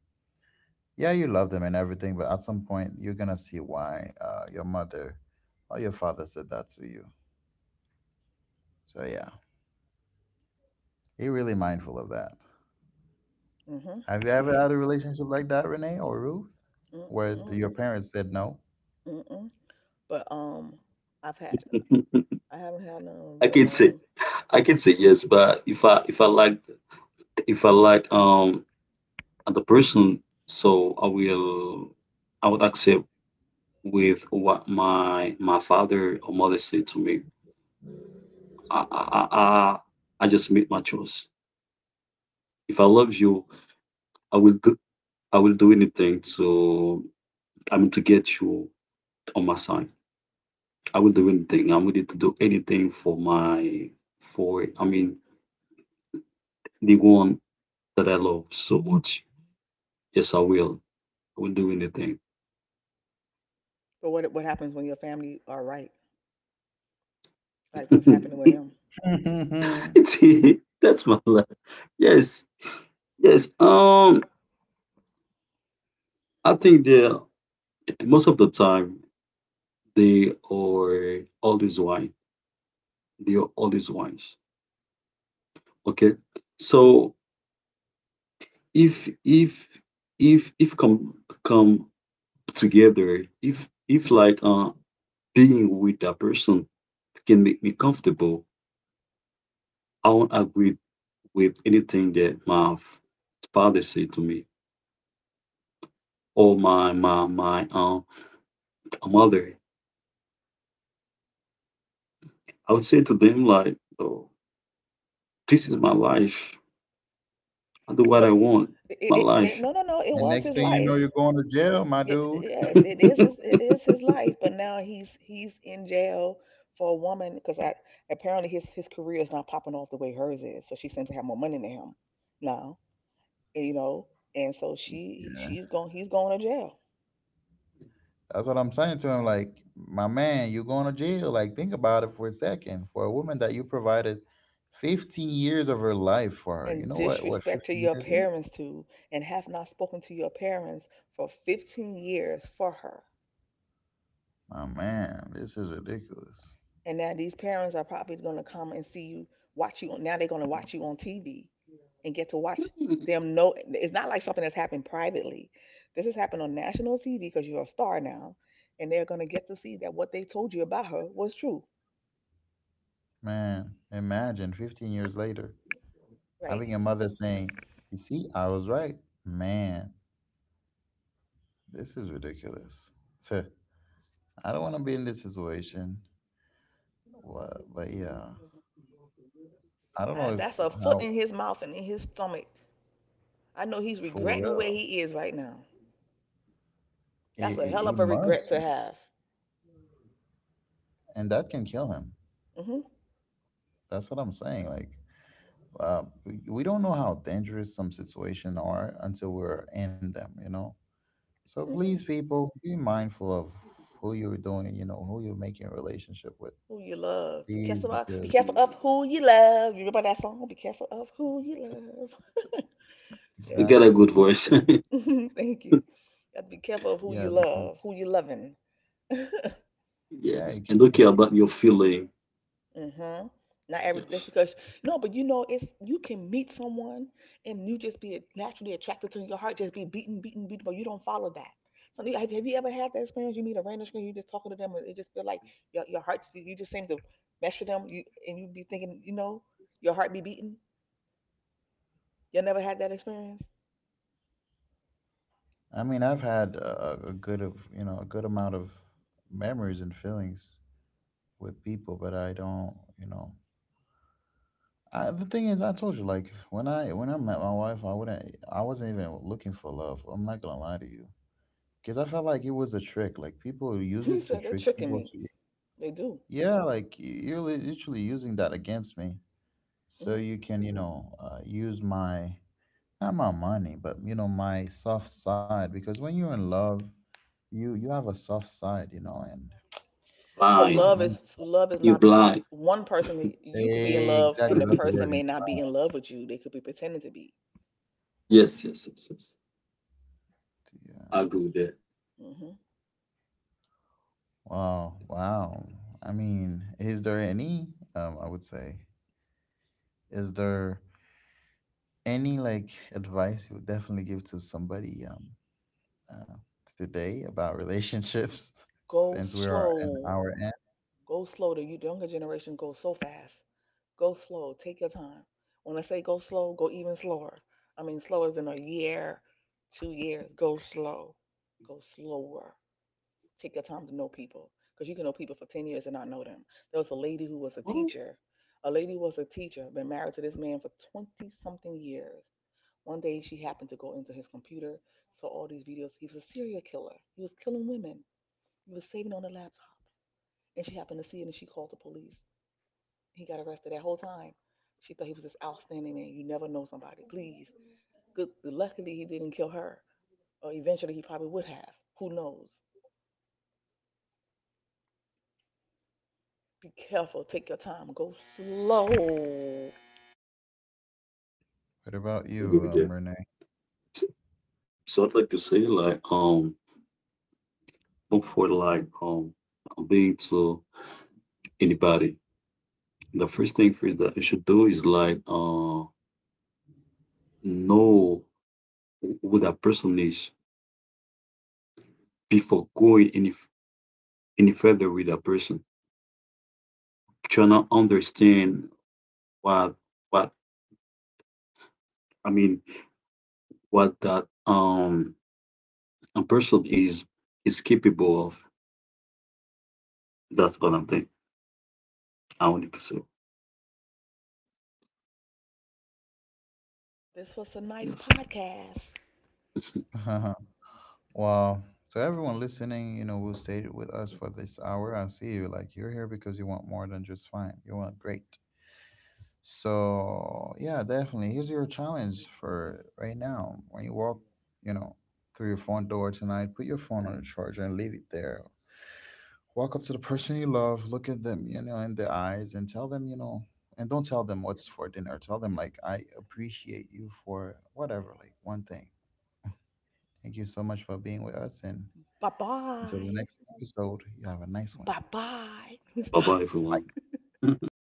Speaker 1: Yeah, you love them and everything, but at some point you're gonna see why your mother or your father said that to you. So yeah, be really mindful of that.
Speaker 2: Mm-hmm.
Speaker 1: Have you ever had a relationship like that, Renee or Ruth, where your
Speaker 2: Mm-mm.
Speaker 1: parents said no,
Speaker 2: Mm-mm. But I've had, I haven't had none,
Speaker 3: I
Speaker 2: but
Speaker 3: can say I can say yes, but if I like the person, so I would accept with what my father or mother said to me. I, I, I, I just made my choice. If I love you, I will do I will do anything to I mean to get you on my side. I will do anything. I'm ready to do anything for my for I mean the one that I love so much. Yes, I will. I will do anything.
Speaker 2: so what happens when your family are right? Like what's happening with him?
Speaker 1: and
Speaker 3: It's that's my life. Yes, yes. I think most of the time they are always wise. They are always wise. Okay. So if if if come together, if like being with that person can make me comfortable, I won't agree with anything that my father said to me or my mother. I would say to them like, oh, this is my life. I do what I
Speaker 2: But
Speaker 3: want.
Speaker 2: it,
Speaker 3: My
Speaker 2: it, it
Speaker 3: life.
Speaker 2: no, no, no, it was his
Speaker 1: next thing you
Speaker 2: life.
Speaker 1: know, you're going to jail, my
Speaker 2: It,
Speaker 1: dude.
Speaker 2: yes, it is his life. But now he's in jail for a woman because I apparently his career is not popping off the way hers is. So she seems to have more money than him now. And, you know, and so she
Speaker 1: Yeah.
Speaker 2: she's going he's going to jail.
Speaker 1: That's what I'm saying to him. Like, my man, you're going to jail. Like, think about it for a second. For a woman that you provided 15 years of her life for her, you
Speaker 2: And
Speaker 1: know what
Speaker 2: disrespect to
Speaker 1: 15
Speaker 2: your
Speaker 1: years is?
Speaker 2: parents too, and have not spoken to your parents for 15 years for her.
Speaker 1: Oh man, this is ridiculous.
Speaker 2: And now these parents are probably going to come and see you, watch you. Now they're going to watch you on TV and get to watch them know. It's not like something that's happened privately. This has happened on national TV because you're a star now. And they're going to get to see that what they told you about her was true.
Speaker 1: Man, imagine 15 years later
Speaker 2: Right.
Speaker 1: having a mother saying, you see, I was right. Man, this is ridiculous. So, I don't want to be in this situation. But yeah, I don't know
Speaker 2: That,
Speaker 1: if
Speaker 2: that's a foot
Speaker 1: how,
Speaker 2: in his mouth and in his stomach. I know he's
Speaker 1: for
Speaker 2: regretting where
Speaker 1: real.
Speaker 2: he is right now.
Speaker 1: He,
Speaker 2: That's a
Speaker 1: he
Speaker 2: hell
Speaker 1: he
Speaker 2: of a regret
Speaker 1: must,
Speaker 2: to have.
Speaker 1: and that can kill him.
Speaker 2: Hmm.
Speaker 1: That's what I'm saying. Like, we don't know how dangerous some situations are until we're in them, you know? So please,
Speaker 2: Hmm.
Speaker 1: people, be mindful of who you're doing, you know, who you're making a relationship with.
Speaker 2: Who you love. Be
Speaker 1: Please,
Speaker 2: careful of, be
Speaker 1: because
Speaker 2: careful of who you love. You remember that song? Be careful of who you love. Yeah,
Speaker 3: You
Speaker 2: be
Speaker 3: got a
Speaker 1: exactly,
Speaker 3: good voice.
Speaker 2: ca- thank you. You have to be careful of who you
Speaker 1: yeah, because
Speaker 2: love, who you loving.
Speaker 1: yeah,
Speaker 3: Yes.
Speaker 1: you
Speaker 3: And
Speaker 1: can
Speaker 3: don't care
Speaker 1: get.
Speaker 3: about your feeling.
Speaker 2: Mm-hmm. Not every that's
Speaker 3: Yes.
Speaker 2: because no, but you know it's you can meet someone and you just be naturally attracted to your heart, just be beaten, beaten, beaten, but you don't follow that. So you- have you ever had that experience? You meet a random stranger, you just talking to them, and it just feel like your heart just be- you just seem to mesh with them, you and you be thinking, you know, your heart be beating. You never had that experience?
Speaker 1: I mean, I've had a good of you know a good amount of memories and feelings with people, but I don't, you know. I, the thing is, I told you, like when I met my wife, I wouldn't, I wasn't even looking for love. I'm not gonna lie to you, because I felt like it was a trick. Like people use
Speaker 2: You
Speaker 1: it to
Speaker 2: said they're
Speaker 1: trick
Speaker 2: tricking
Speaker 1: people
Speaker 2: me.
Speaker 1: to.
Speaker 2: They do.
Speaker 1: Yeah, like you're literally using that against me. So
Speaker 2: Mm-hmm.
Speaker 1: you can, you know, use my not my money, but you know, my soft side because when you're in love, you have a soft side, you know, and
Speaker 2: But
Speaker 1: ah
Speaker 2: love
Speaker 3: Blind.
Speaker 1: man,
Speaker 2: is
Speaker 3: You're
Speaker 2: not the
Speaker 3: blind.
Speaker 2: one person. That- you could be in
Speaker 1: eh,
Speaker 2: love, and
Speaker 1: exactly
Speaker 2: the
Speaker 1: that's the
Speaker 2: person
Speaker 1: word.
Speaker 2: may not be in love with you. They could be pretending to be.
Speaker 3: Yes, yes, yes, yes.
Speaker 1: Yeah.
Speaker 3: I agree with that.
Speaker 2: Hmm.
Speaker 1: Wow, wow. I mean, is there any I would say is there any like advice you would definitely give to somebody uh, today about relationships?
Speaker 2: Go
Speaker 1: Since we
Speaker 3: Yes.
Speaker 1: are an
Speaker 2: slow.
Speaker 1: hour.
Speaker 2: Go slow. The you- the younger generation goes so fast. Go slow. Take your time. When I say go slow, go even slower. I mean slower than a year, 2 years. Go slow. Go slower. Take your time to know people because you can know people for 10 years and not know them. There was a lady who was a
Speaker 3: Oh,
Speaker 2: teacher. A lady was a teacher, been married to this man for 20 something years. One day she happened to go into his computer, saw all these videos. He was a serial killer. He was killing women. He was saving on the laptop. And she happened to see it and she called the police. He got arrested that whole time. She thought he was this outstanding man. You never know somebody. Please. Good luckily he didn't kill her. Or eventually he probably would have. Who knows? Be careful. Take your time. Go slow.
Speaker 1: What about
Speaker 3: I agree
Speaker 1: you,
Speaker 3: with that.
Speaker 1: Renee?
Speaker 3: So I'd like to say, like, look for like being to anybody. The first thing first that you should do is like know who that person is before going any further with that person. Trying to understand what what I mean what that a person is capable of. That's what I'm thinking. I wanted to say.
Speaker 2: This was a nice
Speaker 3: Yes.
Speaker 2: podcast.
Speaker 1: Wow. So everyone listening, you know, who stayed with us for this hour, I see you. Like you're here because you want more than just fine. You want great. So yeah, definitely. Here's your challenge for right now. When you walk, you know, through your front door tonight, put your phone on the charger and leave it there. Walk up to the person you love, look at them, you know, in the eyes, and tell them, you know, and don't tell them what's for dinner. Tell them like I appreciate you for whatever, like one thing. Thank you so much for being with us. And
Speaker 2: Bye
Speaker 1: until the
Speaker 2: bye.
Speaker 1: next episode, you have a nice one.
Speaker 2: Bye bye.
Speaker 3: Bye
Speaker 2: Stop.
Speaker 3: bye,
Speaker 1: Bye.
Speaker 3: everyone.